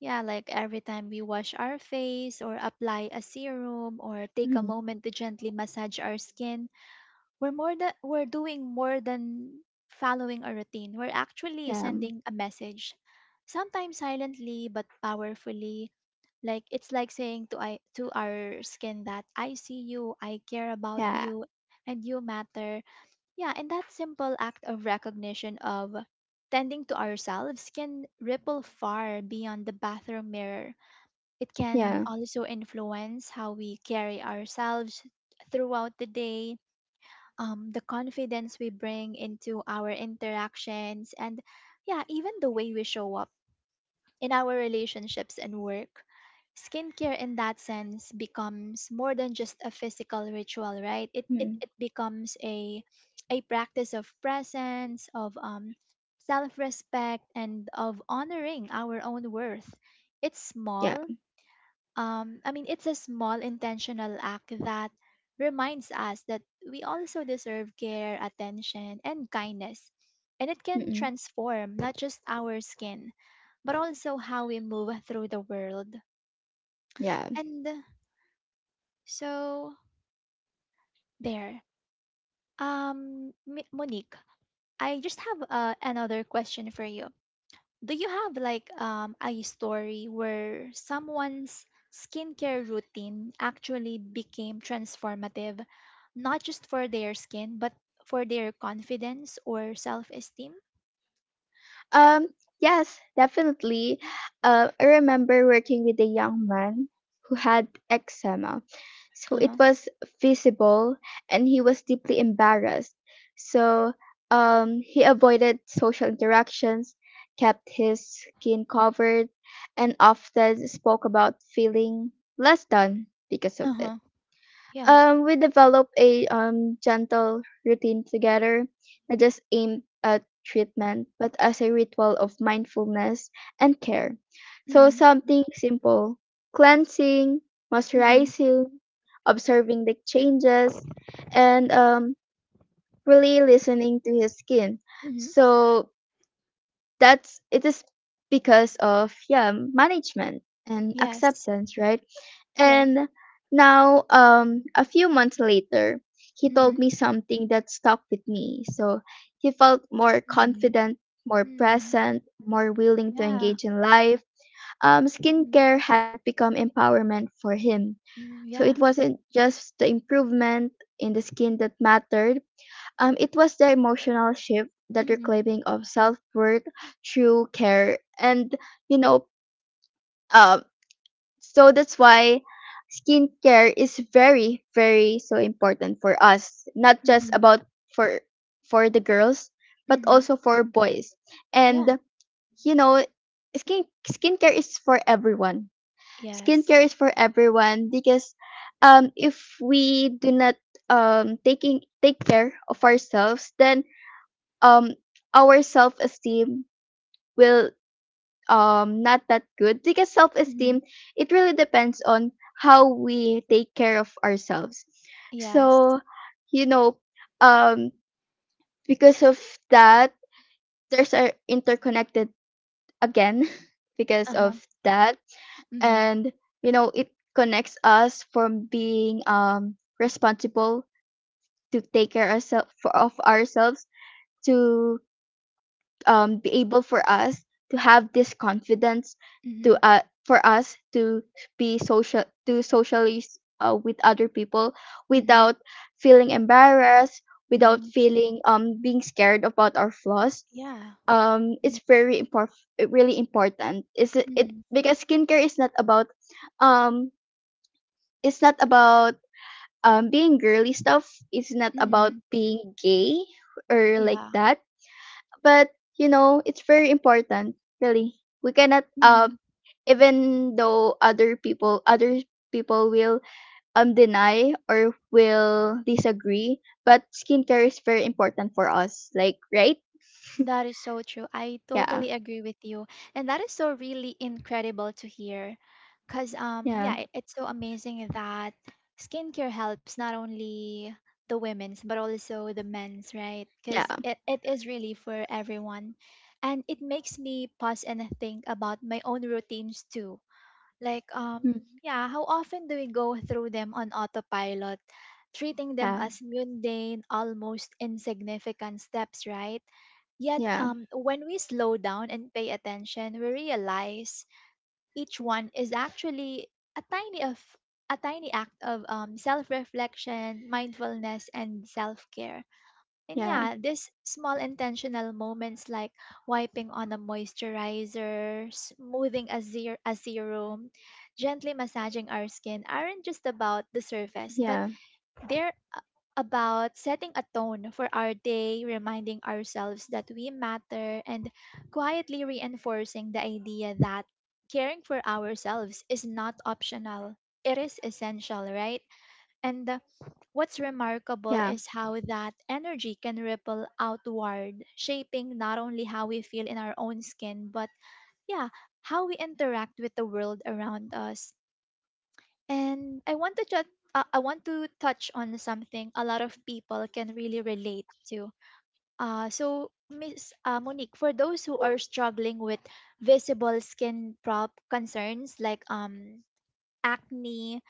Speaker 1: Yeah, like every time we wash our face or apply a serum or take a
Speaker 2: Mhm.
Speaker 1: moment to gently massage our skin, we're more than we're doing more than following a routine. We're actually
Speaker 2: Yeah.
Speaker 1: sending a message, sometimes silently but powerfully. Like it's like saying to I to our skin that I see you, I care about
Speaker 2: Yeah.
Speaker 1: you, and you matter. Yeah, and that simple act of recognition of tending to ourselves can ripple far beyond the bathroom mirror. It can
Speaker 2: Yeah.
Speaker 1: also influence how we carry ourselves throughout the day, um, the confidence we bring into our interactions, and yeah, even the way we show up in our relationships and work. Skincare, in that sense, becomes more than just a physical ritual, right? It, it,
Speaker 2: Mm.
Speaker 1: it becomes a, a practice of presence, of um, self respect, and of honoring our own worth. It's
Speaker 2: Yeah.
Speaker 1: small, um, I mean, it's a small intentional act that reminds us that we also deserve care, attention, and kindness. And it can
Speaker 2: Mm-mm.
Speaker 1: transform not just our skin, but also how we move through the world.
Speaker 2: Yeah.
Speaker 1: And so, there. Um, Mi- Monique, I just have uh, another question for you. Do you have like um, a story where someone's skincare routine actually became transformative, not just for their skin, but for their confidence or self esteem?
Speaker 2: Um, yes, definitely. Uh, I remember working with a young man who had eczema. So
Speaker 1: Uh
Speaker 2: it
Speaker 1: huh.
Speaker 2: was visible, and he was deeply embarrassed. So um, he avoided social interactions, kept his skin covered, and often spoke about feeling less than because of
Speaker 1: Uh
Speaker 2: it.
Speaker 1: huh. Yeah.
Speaker 2: Um, we developed a um, gentle routine together, not just aimed at treatment, but as a ritual of mindfulness and care. So,
Speaker 1: Mm
Speaker 2: something simple: cleansing,
Speaker 1: hmm. Mm hmm.
Speaker 2: moisturizing, observing the changes, and um, really listening to his skin.
Speaker 1: Mm hmm.
Speaker 2: So, that's it is, because of yeah, management and
Speaker 1: Yes.
Speaker 2: acceptance, right?
Speaker 1: Yes.
Speaker 2: And now um a few months later, he
Speaker 1: Mm
Speaker 2: told
Speaker 1: hmm.
Speaker 2: me something that stuck with me. So he felt more
Speaker 1: Mm hmm.
Speaker 2: confident, more
Speaker 1: Mm-hmm.
Speaker 2: present, more willing to
Speaker 1: Yeah.
Speaker 2: engage in life. Um
Speaker 1: Mm hmm.
Speaker 2: skincare had become empowerment for him.
Speaker 1: Mm-hmm.
Speaker 2: So it
Speaker 1: Yeah.
Speaker 2: wasn't just the improvement in the skin that mattered, um, it was the emotional shift,
Speaker 1: Mm
Speaker 2: that
Speaker 1: hmm.
Speaker 2: reclaiming of self worth through care, and you know, um. so that's why skincare is very, very so important for us. Not
Speaker 1: Mm
Speaker 2: just
Speaker 1: hmm.
Speaker 2: about for for the girls, but
Speaker 1: Mm-hmm.
Speaker 2: also for boys.
Speaker 1: Yeah.
Speaker 2: And you know, skin skincare is for everyone.
Speaker 1: Yes.
Speaker 2: Skincare is for everyone because um, if we do not um taking take care of ourselves, then um our self-esteem will um not that good, because
Speaker 1: Mm hmm.
Speaker 2: self-esteem it really depends on how we take care of ourselves.
Speaker 1: Yes.
Speaker 2: So you know, um because of that, there's are interconnected again
Speaker 1: Uh
Speaker 2: because of
Speaker 1: huh.
Speaker 2: that.
Speaker 1: Mm hmm.
Speaker 2: And you know, it connects us from being um responsible to take care ourselves of ourselves, to um, be able for us to have this confidence,
Speaker 1: Mm
Speaker 2: to
Speaker 1: hmm.
Speaker 2: uh, for us to be social, to socialize uh, with other people
Speaker 1: Mm hmm.
Speaker 2: without feeling embarrassed,
Speaker 1: Mm
Speaker 2: without
Speaker 1: hmm.
Speaker 2: feeling um being scared about our flaws.
Speaker 1: Yeah.
Speaker 2: Um it's very important, really important is it, it
Speaker 1: Mm-hmm.
Speaker 2: because skincare is not about um it's not about um being girly stuff, it's not about
Speaker 1: Mm-hmm.
Speaker 2: being gay or like
Speaker 1: Yeah.
Speaker 2: that. But you know, it's very important really, we cannot
Speaker 1: Mm-hmm.
Speaker 2: um even though other people, other people will um deny or will disagree, but skincare is very important for us, like, right?
Speaker 1: That is so true. I
Speaker 2: Yeah,
Speaker 1: totally agree with you. And that is so really incredible to hear. Because, um,
Speaker 2: yeah,
Speaker 1: yeah, it, it's so amazing that skincare helps not only the women's, but also the men's, right? Because
Speaker 2: yeah.
Speaker 1: it, it is really for everyone. And it makes me pause and think about my own routines too. Like,
Speaker 2: Mm.
Speaker 1: um, yeah, how often do we go through them on autopilot, treating them
Speaker 2: Yeah,
Speaker 1: as mundane, almost insignificant steps, right? Yet,
Speaker 2: yeah,
Speaker 1: um, when we slow down and pay attention, we realize each one is actually a tiny of a tiny act of um, self-reflection, mindfulness, and self-care. And
Speaker 2: yeah,
Speaker 1: yeah, these small intentional moments, like wiping on a moisturizer, smoothing a, zer- a serum, gently massaging our skin, aren't just about the surface, but
Speaker 2: yeah,
Speaker 1: they're a- about setting a tone for our day, reminding ourselves that we matter, and quietly reinforcing the idea that caring for ourselves is not optional. It is essential, right? And uh, what's remarkable
Speaker 2: yeah.
Speaker 1: is how that energy can ripple outward, shaping not only how we feel in our own skin, but yeah, how we interact with the world around us. And I want to ju- uh, I want to touch on something a lot of people can really relate to. Uh, so Miss uh, Monique, for those who are struggling with visible skin prop concerns like um acne,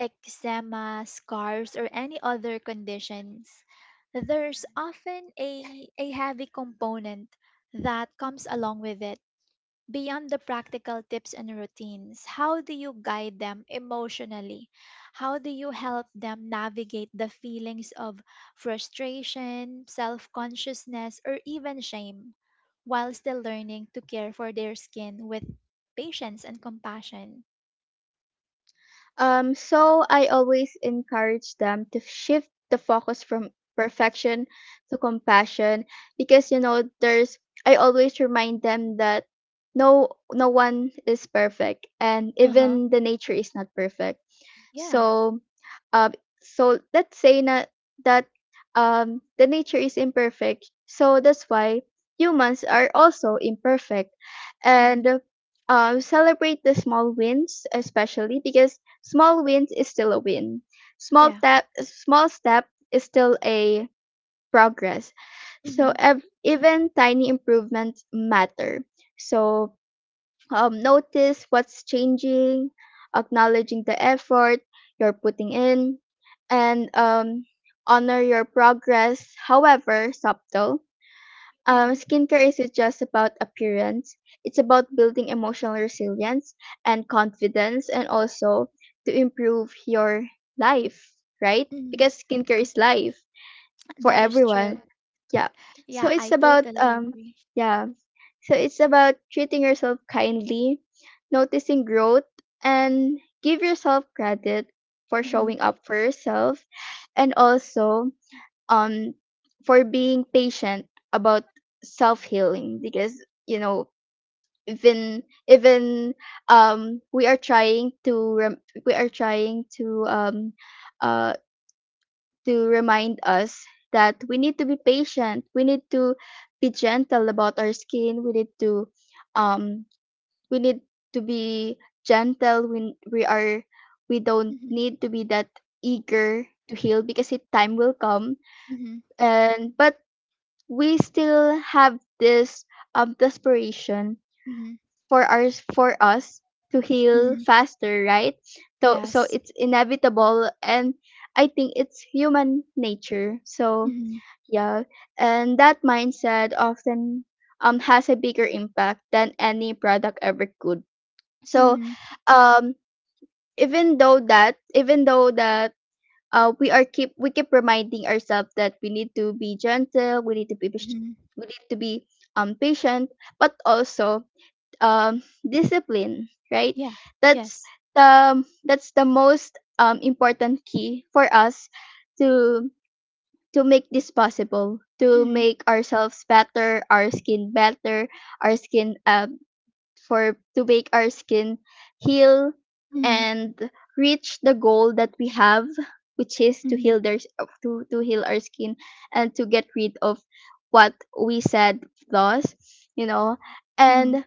Speaker 1: eczema, scars, or any other conditions, there's often a, a heavy component that comes along with it. Beyond the practical tips and routines, how do you guide them emotionally? How do you help them navigate the feelings of frustration, self consciousness, or even shame while still learning to care for their skin with patience and compassion?
Speaker 2: Um, so I always encourage them to shift the focus from perfection to compassion. Because you know, there's I always remind them that no no one is perfect, and
Speaker 1: Uh huh.
Speaker 2: even the nature is not perfect.
Speaker 1: Yeah.
Speaker 2: So, uh, so let's say na, that um, the nature is imperfect. So that's why humans are also imperfect,
Speaker 1: Hmm.
Speaker 2: and uh, celebrate the small wins, especially because small wins is still a win. Small
Speaker 1: Yeah.
Speaker 2: step, small step is still a progress. So
Speaker 1: Mhm.
Speaker 2: ev- even tiny improvements matter. So um, notice what's changing, acknowledging the effort you're putting in, and um, honor your progress, however subtle. Um,
Speaker 1: Mhm,
Speaker 2: skincare isn't just about appearance, it's about building emotional resilience and confidence, and also to improve your life, right?
Speaker 1: mhm.
Speaker 2: Because skincare is life for
Speaker 1: That is true.
Speaker 2: everyone. Yeah. So
Speaker 1: Yeah,
Speaker 2: it's
Speaker 1: I
Speaker 2: about
Speaker 1: totally
Speaker 2: um
Speaker 1: agree.
Speaker 2: yeah. So it's about treating yourself kindly, noticing growth, and give yourself credit for
Speaker 1: Mhm,
Speaker 2: showing up for yourself, and also um for being patient about self-healing. Because you know, even even um we are trying to rem- we are trying to um uh to remind us that we need to be patient. We need to be gentle about our skin. We need to um we need to be gentle when we are, we don't
Speaker 1: mhm,
Speaker 2: need to be that eager to heal, because it time will come.
Speaker 1: mhm,
Speaker 2: And but we still have this um desperation
Speaker 1: mhm,
Speaker 2: for our, for us to heal
Speaker 1: mhm.
Speaker 2: faster, right? So so
Speaker 1: Yes.
Speaker 2: it's inevitable, and I think it's human nature. So
Speaker 1: Mhm,
Speaker 2: yeah, and that mindset often um has a bigger impact than any product ever could. So,
Speaker 1: mhm,
Speaker 2: um, even though that, even though that, uh, we are keep we keep reminding ourselves that we need to be gentle, we need to be pas-
Speaker 1: mhm.
Speaker 2: we need to be um patient, but also um discipline, right?
Speaker 1: Yeah.
Speaker 2: That's
Speaker 1: Yes.
Speaker 2: the that's the most um important key for us to to make this possible, to
Speaker 1: Mhm,
Speaker 2: make ourselves better, our skin better, our skin um, for to make our skin heal
Speaker 1: mhm,
Speaker 2: and reach the goal that we have, which is to
Speaker 1: mhm,
Speaker 2: heal their uh, to to heal our skin, and to get rid of what we said flaws, you know.
Speaker 1: mhm,
Speaker 2: And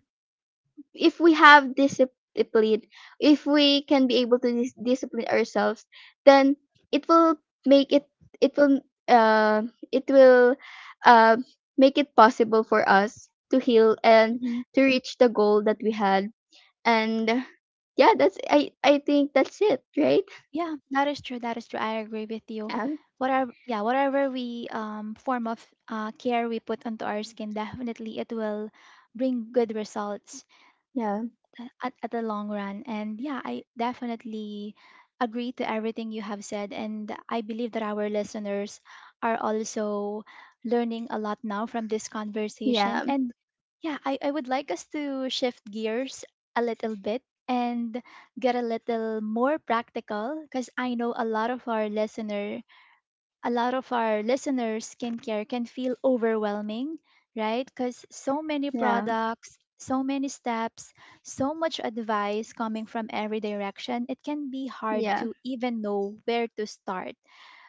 Speaker 2: if we have discipline, if we can be able to dis- discipline ourselves, then it will make it it will uh it will uh make it possible for us to heal and
Speaker 1: mhm.
Speaker 2: to reach the goal that we had. And yeah, that's I I think that's it, right?
Speaker 1: Yeah, that is true. That is true. I agree with you.
Speaker 2: Um,
Speaker 1: Whatever, yeah, whatever we um form of uh, care we put onto our skin, definitely it will bring good results
Speaker 2: yeah,
Speaker 1: th- at, at the long run. And yeah, I definitely agree to everything you have said. And I believe that our listeners are also learning a lot now from this conversation.
Speaker 2: yeah,
Speaker 1: And yeah, I, I would like us to shift gears a little bit and get a little more practical because I know a lot of our listener a lot of our listeners, skincare can feel overwhelming, right? Because so many
Speaker 2: yeah,
Speaker 1: products, so many steps, so much advice coming from every direction, it can be hard
Speaker 2: yeah,
Speaker 1: to even know where to start.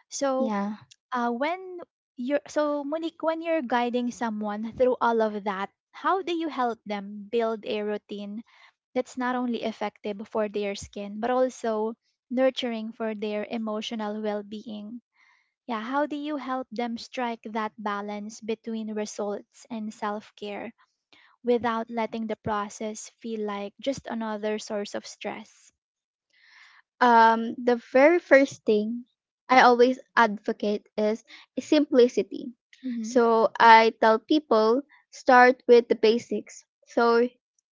Speaker 1: So,
Speaker 2: yeah.
Speaker 1: uh, when you're, so Monique, when you're guiding someone through all of that, how do you help them build a routine that's not only effective for their skin, but also nurturing for their emotional well being? Yeah, how do you help them strike that balance between results and self care without letting the process feel like just another source of stress?
Speaker 2: Um, the very first thing I always advocate is simplicity.
Speaker 1: Mm-hmm.
Speaker 2: So I tell people, start with the basics. So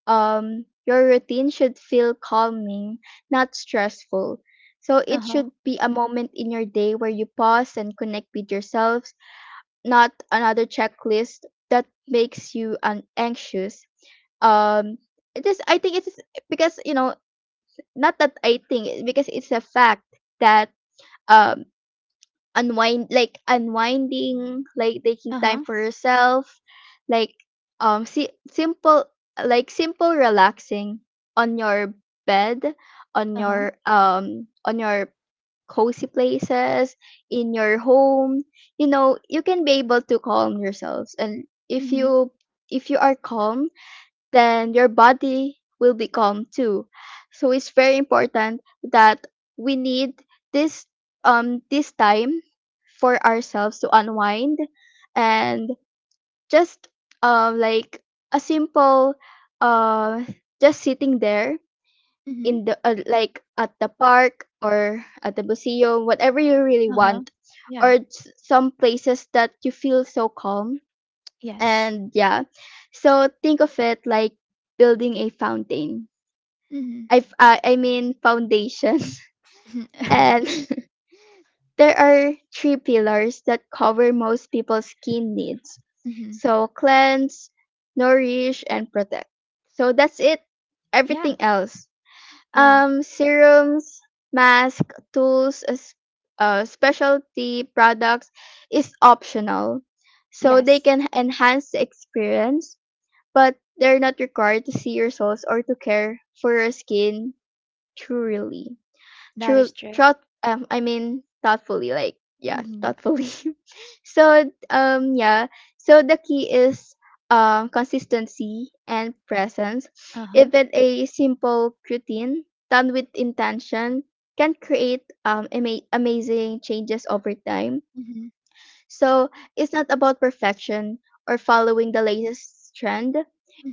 Speaker 2: um, your routine should feel calming, not stressful. So
Speaker 1: Uh
Speaker 2: it
Speaker 1: huh.
Speaker 2: should be a moment in your day where you pause and connect with yourself, not another checklist that makes you un- anxious. Um, it is. I think it is because you know not that I think it- because it's a fact that um unwind like unwinding like taking
Speaker 1: Uh
Speaker 2: time
Speaker 1: huh.
Speaker 2: for yourself like um si- simple like simple relaxing on your bed on
Speaker 1: Uh huh.
Speaker 2: your um on your cozy places in your home. You know, you can be able to calm yourselves, and if
Speaker 1: Mm-hmm.
Speaker 2: you if you are calm, then your body will be calm too. So it's very important that we need this um this time for ourselves to unwind and just um like a simple uh just sitting there
Speaker 1: Mm-hmm.
Speaker 2: in the uh, like at the park or at the museum, whatever you really
Speaker 1: Uh huh.
Speaker 2: want,
Speaker 1: Yeah.
Speaker 2: or s- some places that you feel so calm.
Speaker 1: Yes.
Speaker 2: And yeah, so think of it like building a fountain,
Speaker 1: Mm-hmm.
Speaker 2: i uh, I mean foundation. And there are three pillars that cover most people's skin needs,
Speaker 1: Mm-hmm.
Speaker 2: so cleanse, nourish, and protect. So that's it.
Speaker 1: Yeah.
Speaker 2: Everything else,
Speaker 1: Yeah.
Speaker 2: um serums, mask, tools as uh, specialty products, is optional. So they
Speaker 1: Yes.
Speaker 2: can enhance the experience, but they're not required to see your souls or to care for your skin truly.
Speaker 1: That
Speaker 2: True,
Speaker 1: is true.
Speaker 2: throughout, um, I mean, Thoughtfully, like, yeah,
Speaker 1: Mm-hmm.
Speaker 2: thoughtfully. So, um, yeah, so the key is um, consistency and presence.
Speaker 1: Uh huh.
Speaker 2: Even a simple routine done with intention can create um, ama- amazing changes over time.
Speaker 1: Mm-hmm.
Speaker 2: So it's not about perfection or following the latest trend.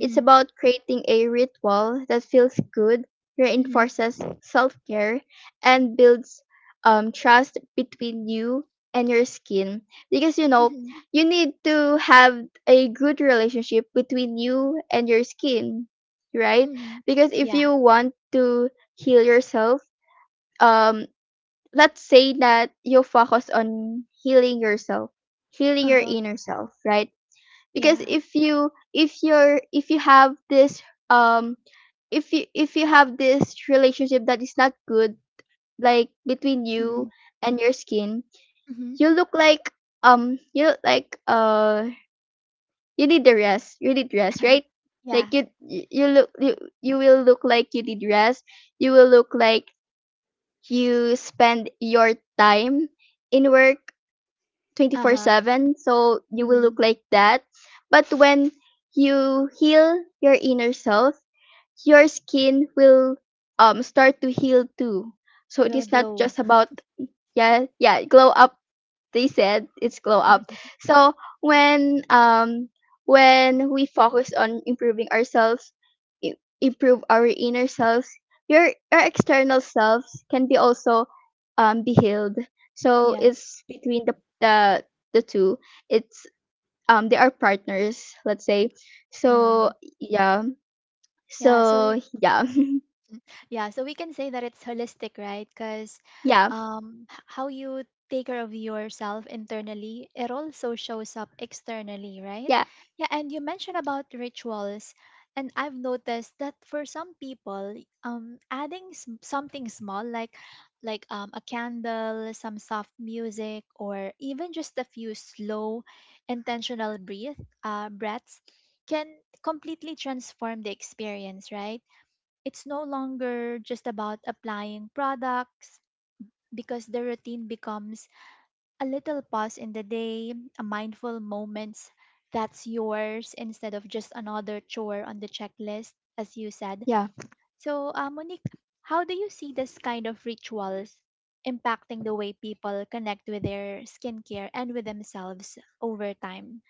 Speaker 2: It's about creating a ritual that feels good,
Speaker 1: Mm-hmm.
Speaker 2: reinforces self care, and builds um, trust between you and your skin. Because you know,
Speaker 1: Mm-hmm.
Speaker 2: you need to have a good relationship between you and your skin, right?
Speaker 1: Mm-hmm.
Speaker 2: Because if
Speaker 1: Yeah.
Speaker 2: you want to heal yourself, um, let's say that you focus on healing yourself, healing
Speaker 1: Uh
Speaker 2: your
Speaker 1: huh.
Speaker 2: inner self, right? Because
Speaker 1: Yeah.
Speaker 2: if you if you're if you have this um if you if you have this relationship that is not good, like between you
Speaker 1: Mm-hmm.
Speaker 2: and your skin,
Speaker 1: Mm-hmm.
Speaker 2: you look like um you look like uh you need the rest you need rest, right?
Speaker 1: Yeah.
Speaker 2: Like you you look you, you will look like you need rest, you will look like you spend your time in work
Speaker 1: Uh huh.
Speaker 2: twenty-four seven, so you will
Speaker 1: Mm-hmm.
Speaker 2: look like that. But when you heal your inner self, your skin will um start to heal too. So
Speaker 1: It
Speaker 2: it
Speaker 1: will
Speaker 2: is not
Speaker 1: glow.
Speaker 2: just about, yeah, yeah, glow up. They said it's glow up. So when um when we focus on improving ourselves, i- improve our inner selves, your your external selves can be also um be healed. So
Speaker 1: Yeah.
Speaker 2: it's between the the the two. It's um they are partners, let's say. So
Speaker 1: Mm.
Speaker 2: yeah.
Speaker 1: Yeah. So,
Speaker 2: So yeah.
Speaker 1: Yeah, so we can say that it's holistic, right? Because
Speaker 2: Yeah.
Speaker 1: um, h- how you take care of yourself internally, it also shows up externally, right?
Speaker 2: Yeah.
Speaker 1: Yeah, and you mentioned about rituals, and I've noticed that for some people, um, adding s- something small like like um, a candle, some soft music, or even just a few slow, intentional breath uh, breaths can completely transform the experience, right? It's no longer just about applying products because the routine becomes a little pause in the day, a mindful moments that's yours instead of just another chore on the checklist, as you said.
Speaker 2: Yeah.
Speaker 1: So, uh, Monique, how do you see this kind of rituals impacting the way people connect with their skincare and with themselves over time?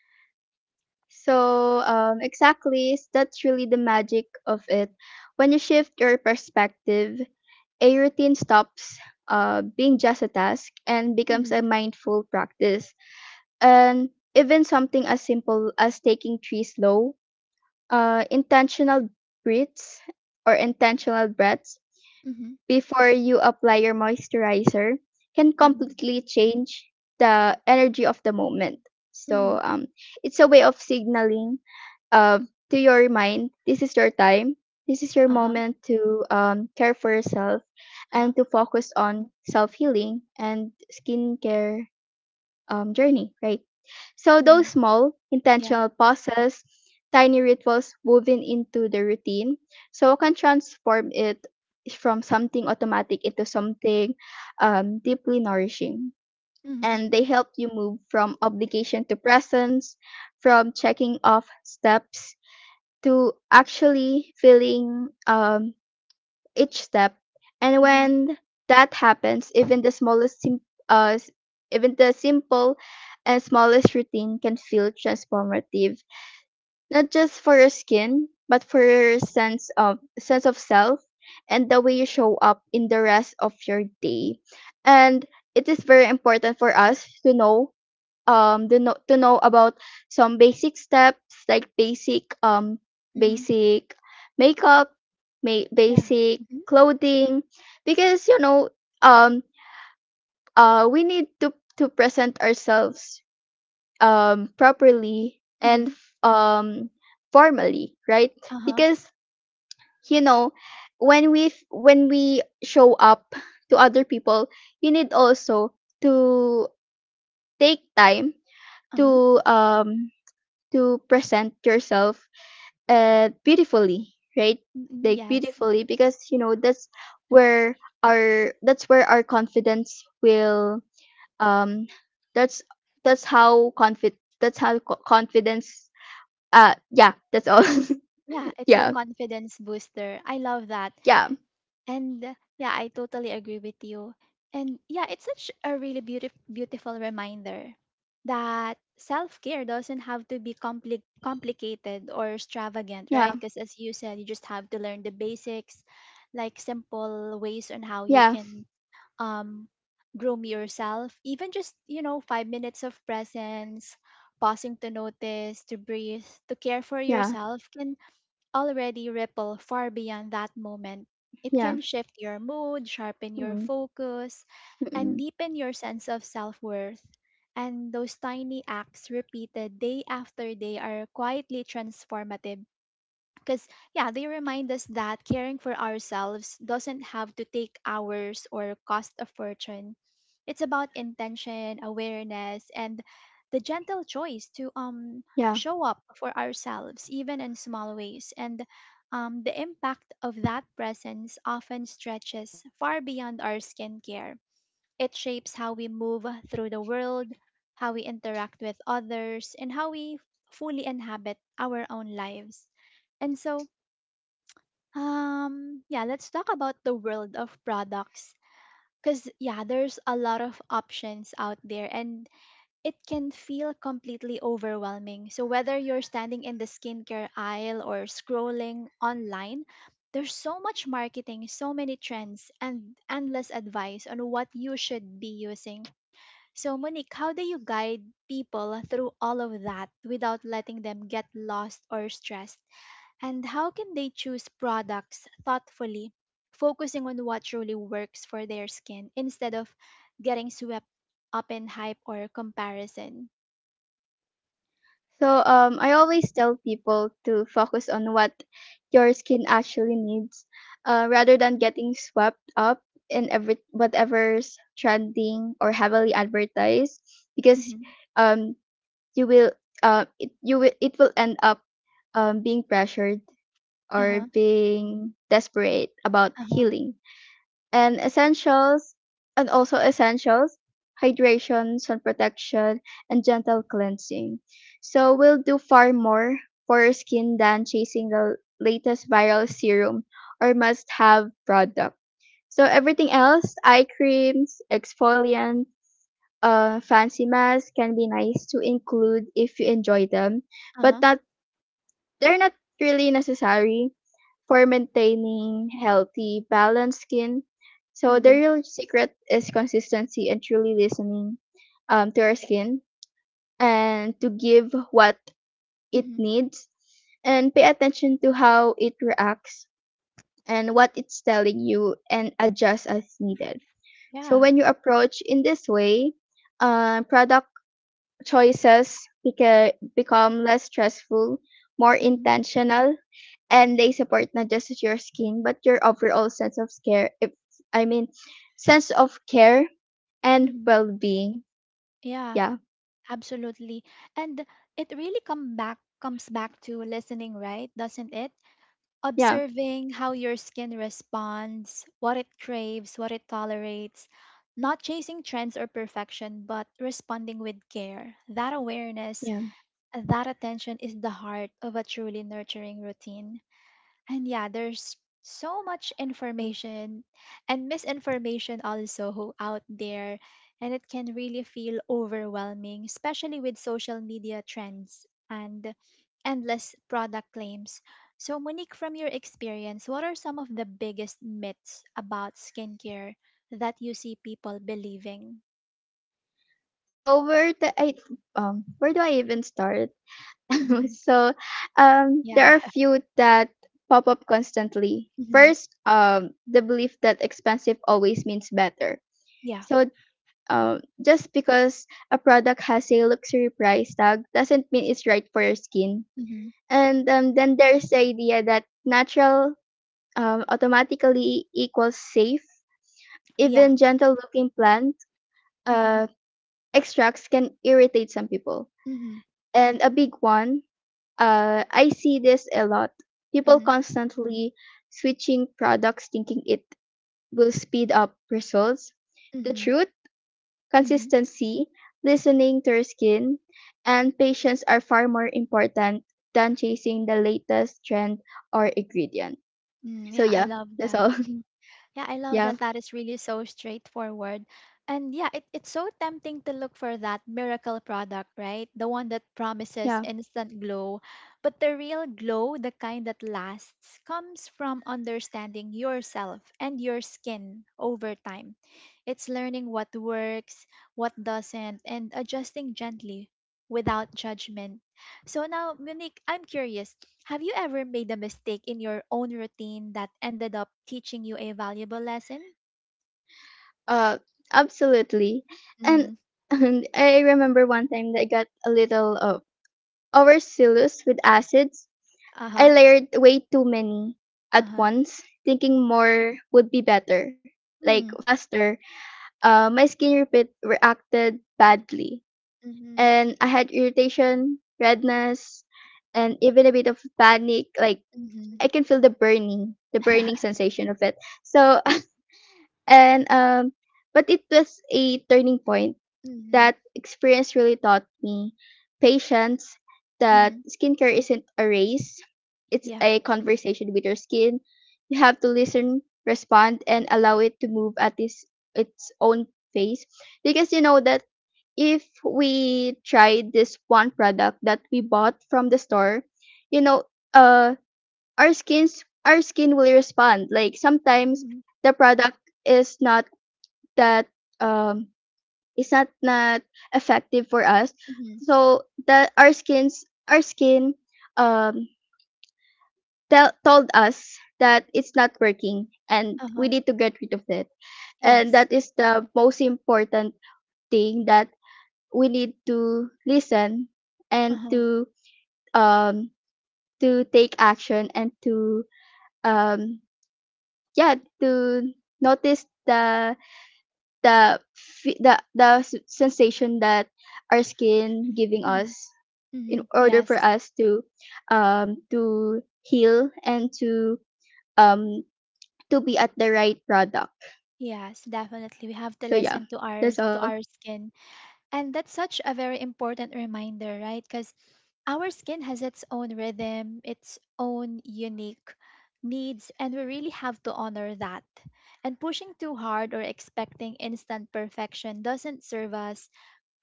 Speaker 2: So, um, exactly, s- that's really the magic of it. When you shift your perspective, a routine stops uh, being just a task and becomes a
Speaker 1: Mm-hmm.
Speaker 2: mindful practice. And even something as simple as taking three slow, uh, intentional breaths, or intentional breaths
Speaker 1: Mm-hmm.
Speaker 2: before you apply your moisturizer can
Speaker 1: Mm-hmm.
Speaker 2: completely change the energy of the moment.
Speaker 1: Mm-hmm.
Speaker 2: So um, it's a way of signaling uh, to your mind, this is your time, this is your
Speaker 1: Uh-huh.
Speaker 2: moment to um, care for yourself
Speaker 1: Uh-huh.
Speaker 2: and to focus on self healing and skincare um, journey, right? So
Speaker 1: Mm-hmm.
Speaker 2: those small
Speaker 1: Yeah.
Speaker 2: intentional pauses, tiny rituals woven into the routine, so can transform it from something automatic into something um, deeply nourishing.
Speaker 1: Mm-hmm.
Speaker 2: And they help you move from obligation to presence, from checking off steps to actually feeling um, each step. And
Speaker 1: Mm-hmm.
Speaker 2: when that happens, even the smallest, sim- uh, s- even the simple and smallest routine can feel transformative, not just for your skin, but for your sense of sense of self and the way you show up in the rest of your day. And it is very important for us to know um to know, to know about some basic steps like basic um
Speaker 1: Mm-hmm.
Speaker 2: basic makeup, ma-
Speaker 1: Yeah.
Speaker 2: basic clothing. Because you know, um uh we need to to present ourselves um properly and
Speaker 1: Mhm.
Speaker 2: f- um formally, right?
Speaker 1: Uh-huh.
Speaker 2: Because you know, when we f- when we show up to other people, you need also to take time
Speaker 1: Uh-huh.
Speaker 2: to um to present yourself uh, beautifully, right?
Speaker 1: Mm, mm,
Speaker 2: Like
Speaker 1: yes.
Speaker 2: beautifully, because you know that's where our that's where our confidence will um that's that's how confid that's how co- confidence uh yeah, that's all.
Speaker 1: Yeah, it's a
Speaker 2: Yeah,
Speaker 1: confidence booster. I love that.
Speaker 2: yeah,
Speaker 1: And uh, yeah, I totally agree with you. And yeah, it's such a really beautiful beautiful reminder that self-care doesn't have to be compli complicated or extravagant,
Speaker 2: yeah,
Speaker 1: right? Because as you said, you just have to learn the basics, like simple ways on how you
Speaker 2: yeah,
Speaker 1: can um, groom yourself, even just, you know, five minutes of presence, pausing to notice, to breathe, to care for
Speaker 2: yeah,
Speaker 1: yourself can already ripple far beyond that moment. It
Speaker 2: yeah,
Speaker 1: can shift your mood, sharpen your
Speaker 2: mm,
Speaker 1: focus, and
Speaker 2: mm,
Speaker 1: deepen your sense of self worth. And those tiny acts repeated day after day are quietly transformative because yeah, they remind us that caring for ourselves doesn't have to take hours or cost a fortune. It's about intention, awareness, and the gentle choice to um
Speaker 2: yeah.
Speaker 1: show up for ourselves even in small ways. And um, the impact of that presence often stretches far beyond our skincare. It shapes how we move through the world, how we interact with others, and how we fully inhabit our own lives. And so, um, yeah, let's talk about the world of products, because yeah, there's a lot of options out there and it can feel completely overwhelming. So whether you're standing in the skincare aisle or scrolling online, there's so much marketing, so many trends, and endless advice on what you should be using. So Monique, how do you guide people through all of that without letting them get lost or stressed? And how can they choose products thoughtfully, focusing on what truly works for their skin instead of getting swept up in hype or comparison?
Speaker 2: So um, I always tell people to focus on what your skin actually needs, uh, rather than getting swept up in every whatever's trending or heavily advertised, because
Speaker 1: Mm-hmm.
Speaker 2: um, you will uh, it, you will, it will end up um, being pressured
Speaker 1: Uh
Speaker 2: or
Speaker 1: huh.
Speaker 2: being desperate about
Speaker 1: Uh huh.
Speaker 2: healing. And essentials and also essentials, hydration, sun protection, and gentle cleansing, so we'll do far more for your skin than chasing the latest viral serum or must have product. So everything else, eye creams, exfoliant, uh, fancy masks, can be nice to include if you enjoy them,
Speaker 1: Uh
Speaker 2: but
Speaker 1: huh.
Speaker 2: not they're not really necessary for maintaining healthy, balanced skin. So the
Speaker 1: Mm-hmm.
Speaker 2: real secret is consistency and truly listening, um, to our skin and to give what it
Speaker 1: Mm-hmm.
Speaker 2: needs, and pay attention to how it reacts and what it's telling you and adjust as needed. So
Speaker 1: Yeah.
Speaker 2: when you approach in this way, uh, product choices beca- become less stressful, more
Speaker 1: Mm-hmm.
Speaker 2: intentional, and they support not just your skin but your overall sense of care, if I mean sense of care and
Speaker 1: Mm-hmm.
Speaker 2: well-being.
Speaker 1: Yeah.
Speaker 2: Yeah,
Speaker 1: Absolutely. And it really come back comes back to listening, right? Doesn't it?
Speaker 2: yeah,
Speaker 1: Observing how your skin responds, what it craves, what it tolerates, not chasing trends or perfection, but responding with care. That awareness,
Speaker 2: yeah.
Speaker 1: that attention is the heart of a truly nurturing routine. And yeah, there's so much information and misinformation also out there, and it can really feel overwhelming, especially with social media trends and endless product claims. So, Monique, from your experience, what are some of the biggest myths about skincare that you see people believing?
Speaker 2: So where the i um where do I even start?
Speaker 1: Mhm.
Speaker 2: So um there
Speaker 1: Yeah.
Speaker 2: are a few that pop up constantly.
Speaker 1: Mhm.
Speaker 2: First, um the belief that expensive always means better.
Speaker 1: Yeah.
Speaker 2: So um just because a product has a luxury price tag doesn't mean it's right for your skin.
Speaker 1: Mhm.
Speaker 2: And um, then there's the idea that natural um, automatically equals safe.
Speaker 1: Yeah.
Speaker 2: Even gentle looking plant
Speaker 1: Mhm.
Speaker 2: uh, extracts can irritate some people.
Speaker 1: Mhm.
Speaker 2: And a big one, uh, I see this a lot. People
Speaker 1: Mhm.
Speaker 2: constantly switching products thinking it will speed up results. The
Speaker 1: Mhm.
Speaker 2: truth,
Speaker 1: Mhm.
Speaker 2: consistency, listening to your skin, and patience are far more important than chasing the latest trend or ingredient.
Speaker 1: Mm,
Speaker 2: So
Speaker 1: yeah, I
Speaker 2: yeah,
Speaker 1: love
Speaker 2: that's
Speaker 1: that.
Speaker 2: all.
Speaker 1: Yeah, I love
Speaker 2: Yeah,
Speaker 1: that. That is really so straightforward. And yeah, it, it's so tempting to look for that miracle product, right? The one that promises
Speaker 2: yeah.
Speaker 1: instant glow. But the real glow, the kind that lasts, comes from understanding yourself and your skin over time. It's learning what works, what doesn't, and adjusting gently without judgment. So now, Monique, I'm curious. Have you ever made a mistake in your own routine that ended up teaching you a valuable lesson?
Speaker 2: Uh, absolutely. And
Speaker 1: Mm-hmm.
Speaker 2: and I remember one time that I got a little uh, overzealous with acids. I
Speaker 1: Uh-huh.
Speaker 2: layered way too many at
Speaker 1: Uh-huh.
Speaker 2: once, thinking more would be better, like
Speaker 1: Mm-hmm.
Speaker 2: faster. Uh, my skin repeat reacted badly, and I had irritation, redness, and even a bit of panic. Like
Speaker 1: Mm-hmm.
Speaker 2: I can feel the burning, the burning sensation of it. So. And um, but it was a turning point.
Speaker 1: Mm-hmm.
Speaker 2: That experience really taught me patience. That
Speaker 1: Mm-hmm.
Speaker 2: skincare isn't a race; it's
Speaker 1: Yeah.
Speaker 2: a conversation with your skin. You have to listen, respond, and allow it to move at its its own pace. Because you know that if we try this one product that we bought from the store, you know, uh, our skins our skin will respond. Like sometimes
Speaker 1: Mm-hmm.
Speaker 2: the product is not that um is not not effective for us,
Speaker 1: Mm-hmm.
Speaker 2: so that our skins our skin um tell, told us that it's not working and we
Speaker 1: Uh-huh.
Speaker 2: need to get rid of it. And
Speaker 1: Yes.
Speaker 2: that is the most important thing, that we need to listen and
Speaker 1: Uh-huh.
Speaker 2: to um to take action and to um yeah to notice the the fe- the the s- sensation that our skin giving
Speaker 1: Mm-hmm.
Speaker 2: us, in
Speaker 1: Mm-hmm.
Speaker 2: order for
Speaker 1: Yes.
Speaker 2: us to um to heal and to um to be at the right product.
Speaker 1: Yes, definitely. We have to
Speaker 2: So yeah,
Speaker 1: listen to our
Speaker 2: that's all.
Speaker 1: to our skin. And that's such a very important reminder, right? Because our skin has its own rhythm, its own unique needs, and we really have to honor that. And pushing too hard or expecting instant perfection doesn't serve us.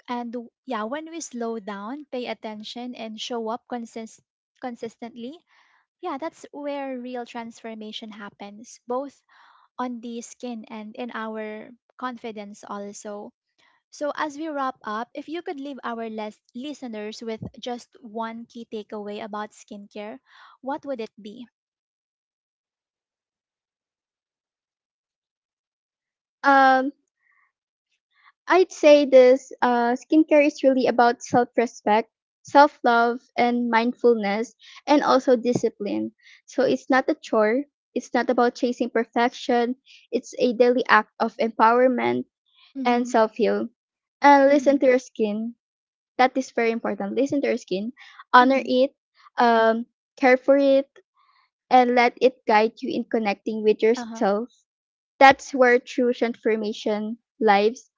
Speaker 1: And w- yeah, when we slow down, pay attention, and show up consist- consistently, yeah, that's where real transformation happens, both on the skin and in our confidence also. So, as we wrap up, if you could leave our les- listeners with just one key takeaway about skincare, what would it be?
Speaker 2: um I'd say this, uh skincare is really about self-respect, self-love, and mindfulness, and also discipline. So it's not a chore, it's not about chasing perfection, it's a daily act of empowerment and
Speaker 1: Mm-hmm.
Speaker 2: self heal. And listen
Speaker 1: Mm-hmm.
Speaker 2: to your skin. That is very important. Listen to your skin, honor
Speaker 1: Mm-hmm.
Speaker 2: it, um, care for it, and let it guide you in connecting with
Speaker 1: Uh huh.
Speaker 2: yourself. That's where true transformation lives,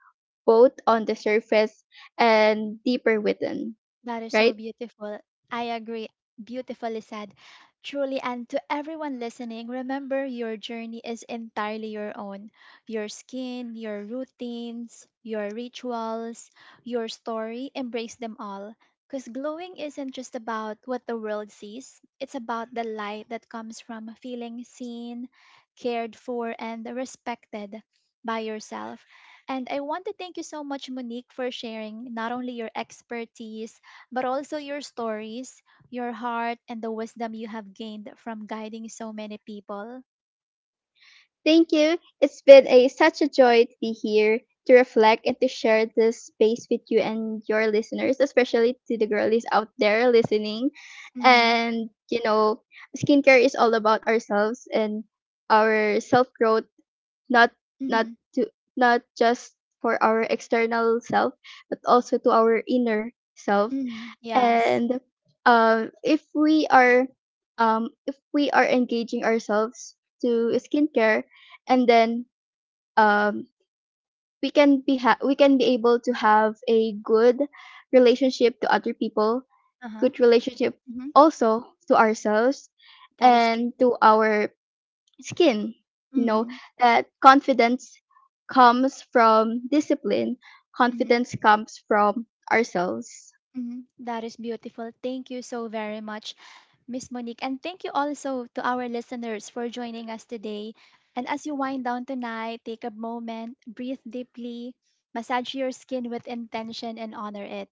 Speaker 2: both on the surface and deeper within,
Speaker 1: That is so
Speaker 2: right?
Speaker 1: beautiful. I agree. Beautifully said. Truly, and to everyone listening, remember your journey is entirely your own. Your skin, your routines, your rituals, your story, embrace them all. Because glowing isn't just about what the world sees, it's about the light that comes from feeling seen, cared for, and respected by yourself. And I want to thank you so much, Monique, for sharing not only your expertise, but also your stories, your heart, and the wisdom you have gained from guiding so many people.
Speaker 2: Thank you. It's been a such a joy to be here to reflect and to share this space with you and your listeners, especially to the girlies out there listening.
Speaker 1: Mm-hmm.
Speaker 2: And you know, skincare is all about ourselves and our self growth, not not
Speaker 1: Mm-hmm.
Speaker 2: to, not just for our external self, but also to our inner self.
Speaker 1: Mm-hmm. Yes.
Speaker 2: And um, if we are um, if we are engaging ourselves to skincare, and then um, we can be ha- we can be able to have a good relationship to other people,
Speaker 1: Uh-huh.
Speaker 2: good relationship
Speaker 1: Mm-hmm.
Speaker 2: also to ourselves
Speaker 1: That is true.
Speaker 2: and to our skin, you know.
Speaker 1: Mm-hmm.
Speaker 2: That confidence comes from discipline,
Speaker 1: Mm-hmm.
Speaker 2: confidence comes from ourselves.
Speaker 1: Mm-hmm. That is beautiful. Thank you so very much. Miss Monique. And thank you also to our listeners for joining us today. And as you wind down tonight, take a moment, breathe deeply, massage your skin with intention, and honor it.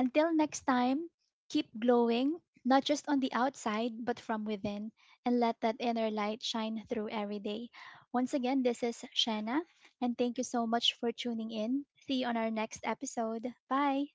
Speaker 1: Until next time, keep glowing, not just on the outside, but from within, and let that inner light shine through every day. Once again, this is Shanna, and thank you so much for tuning in. See you on our next episode. Bye.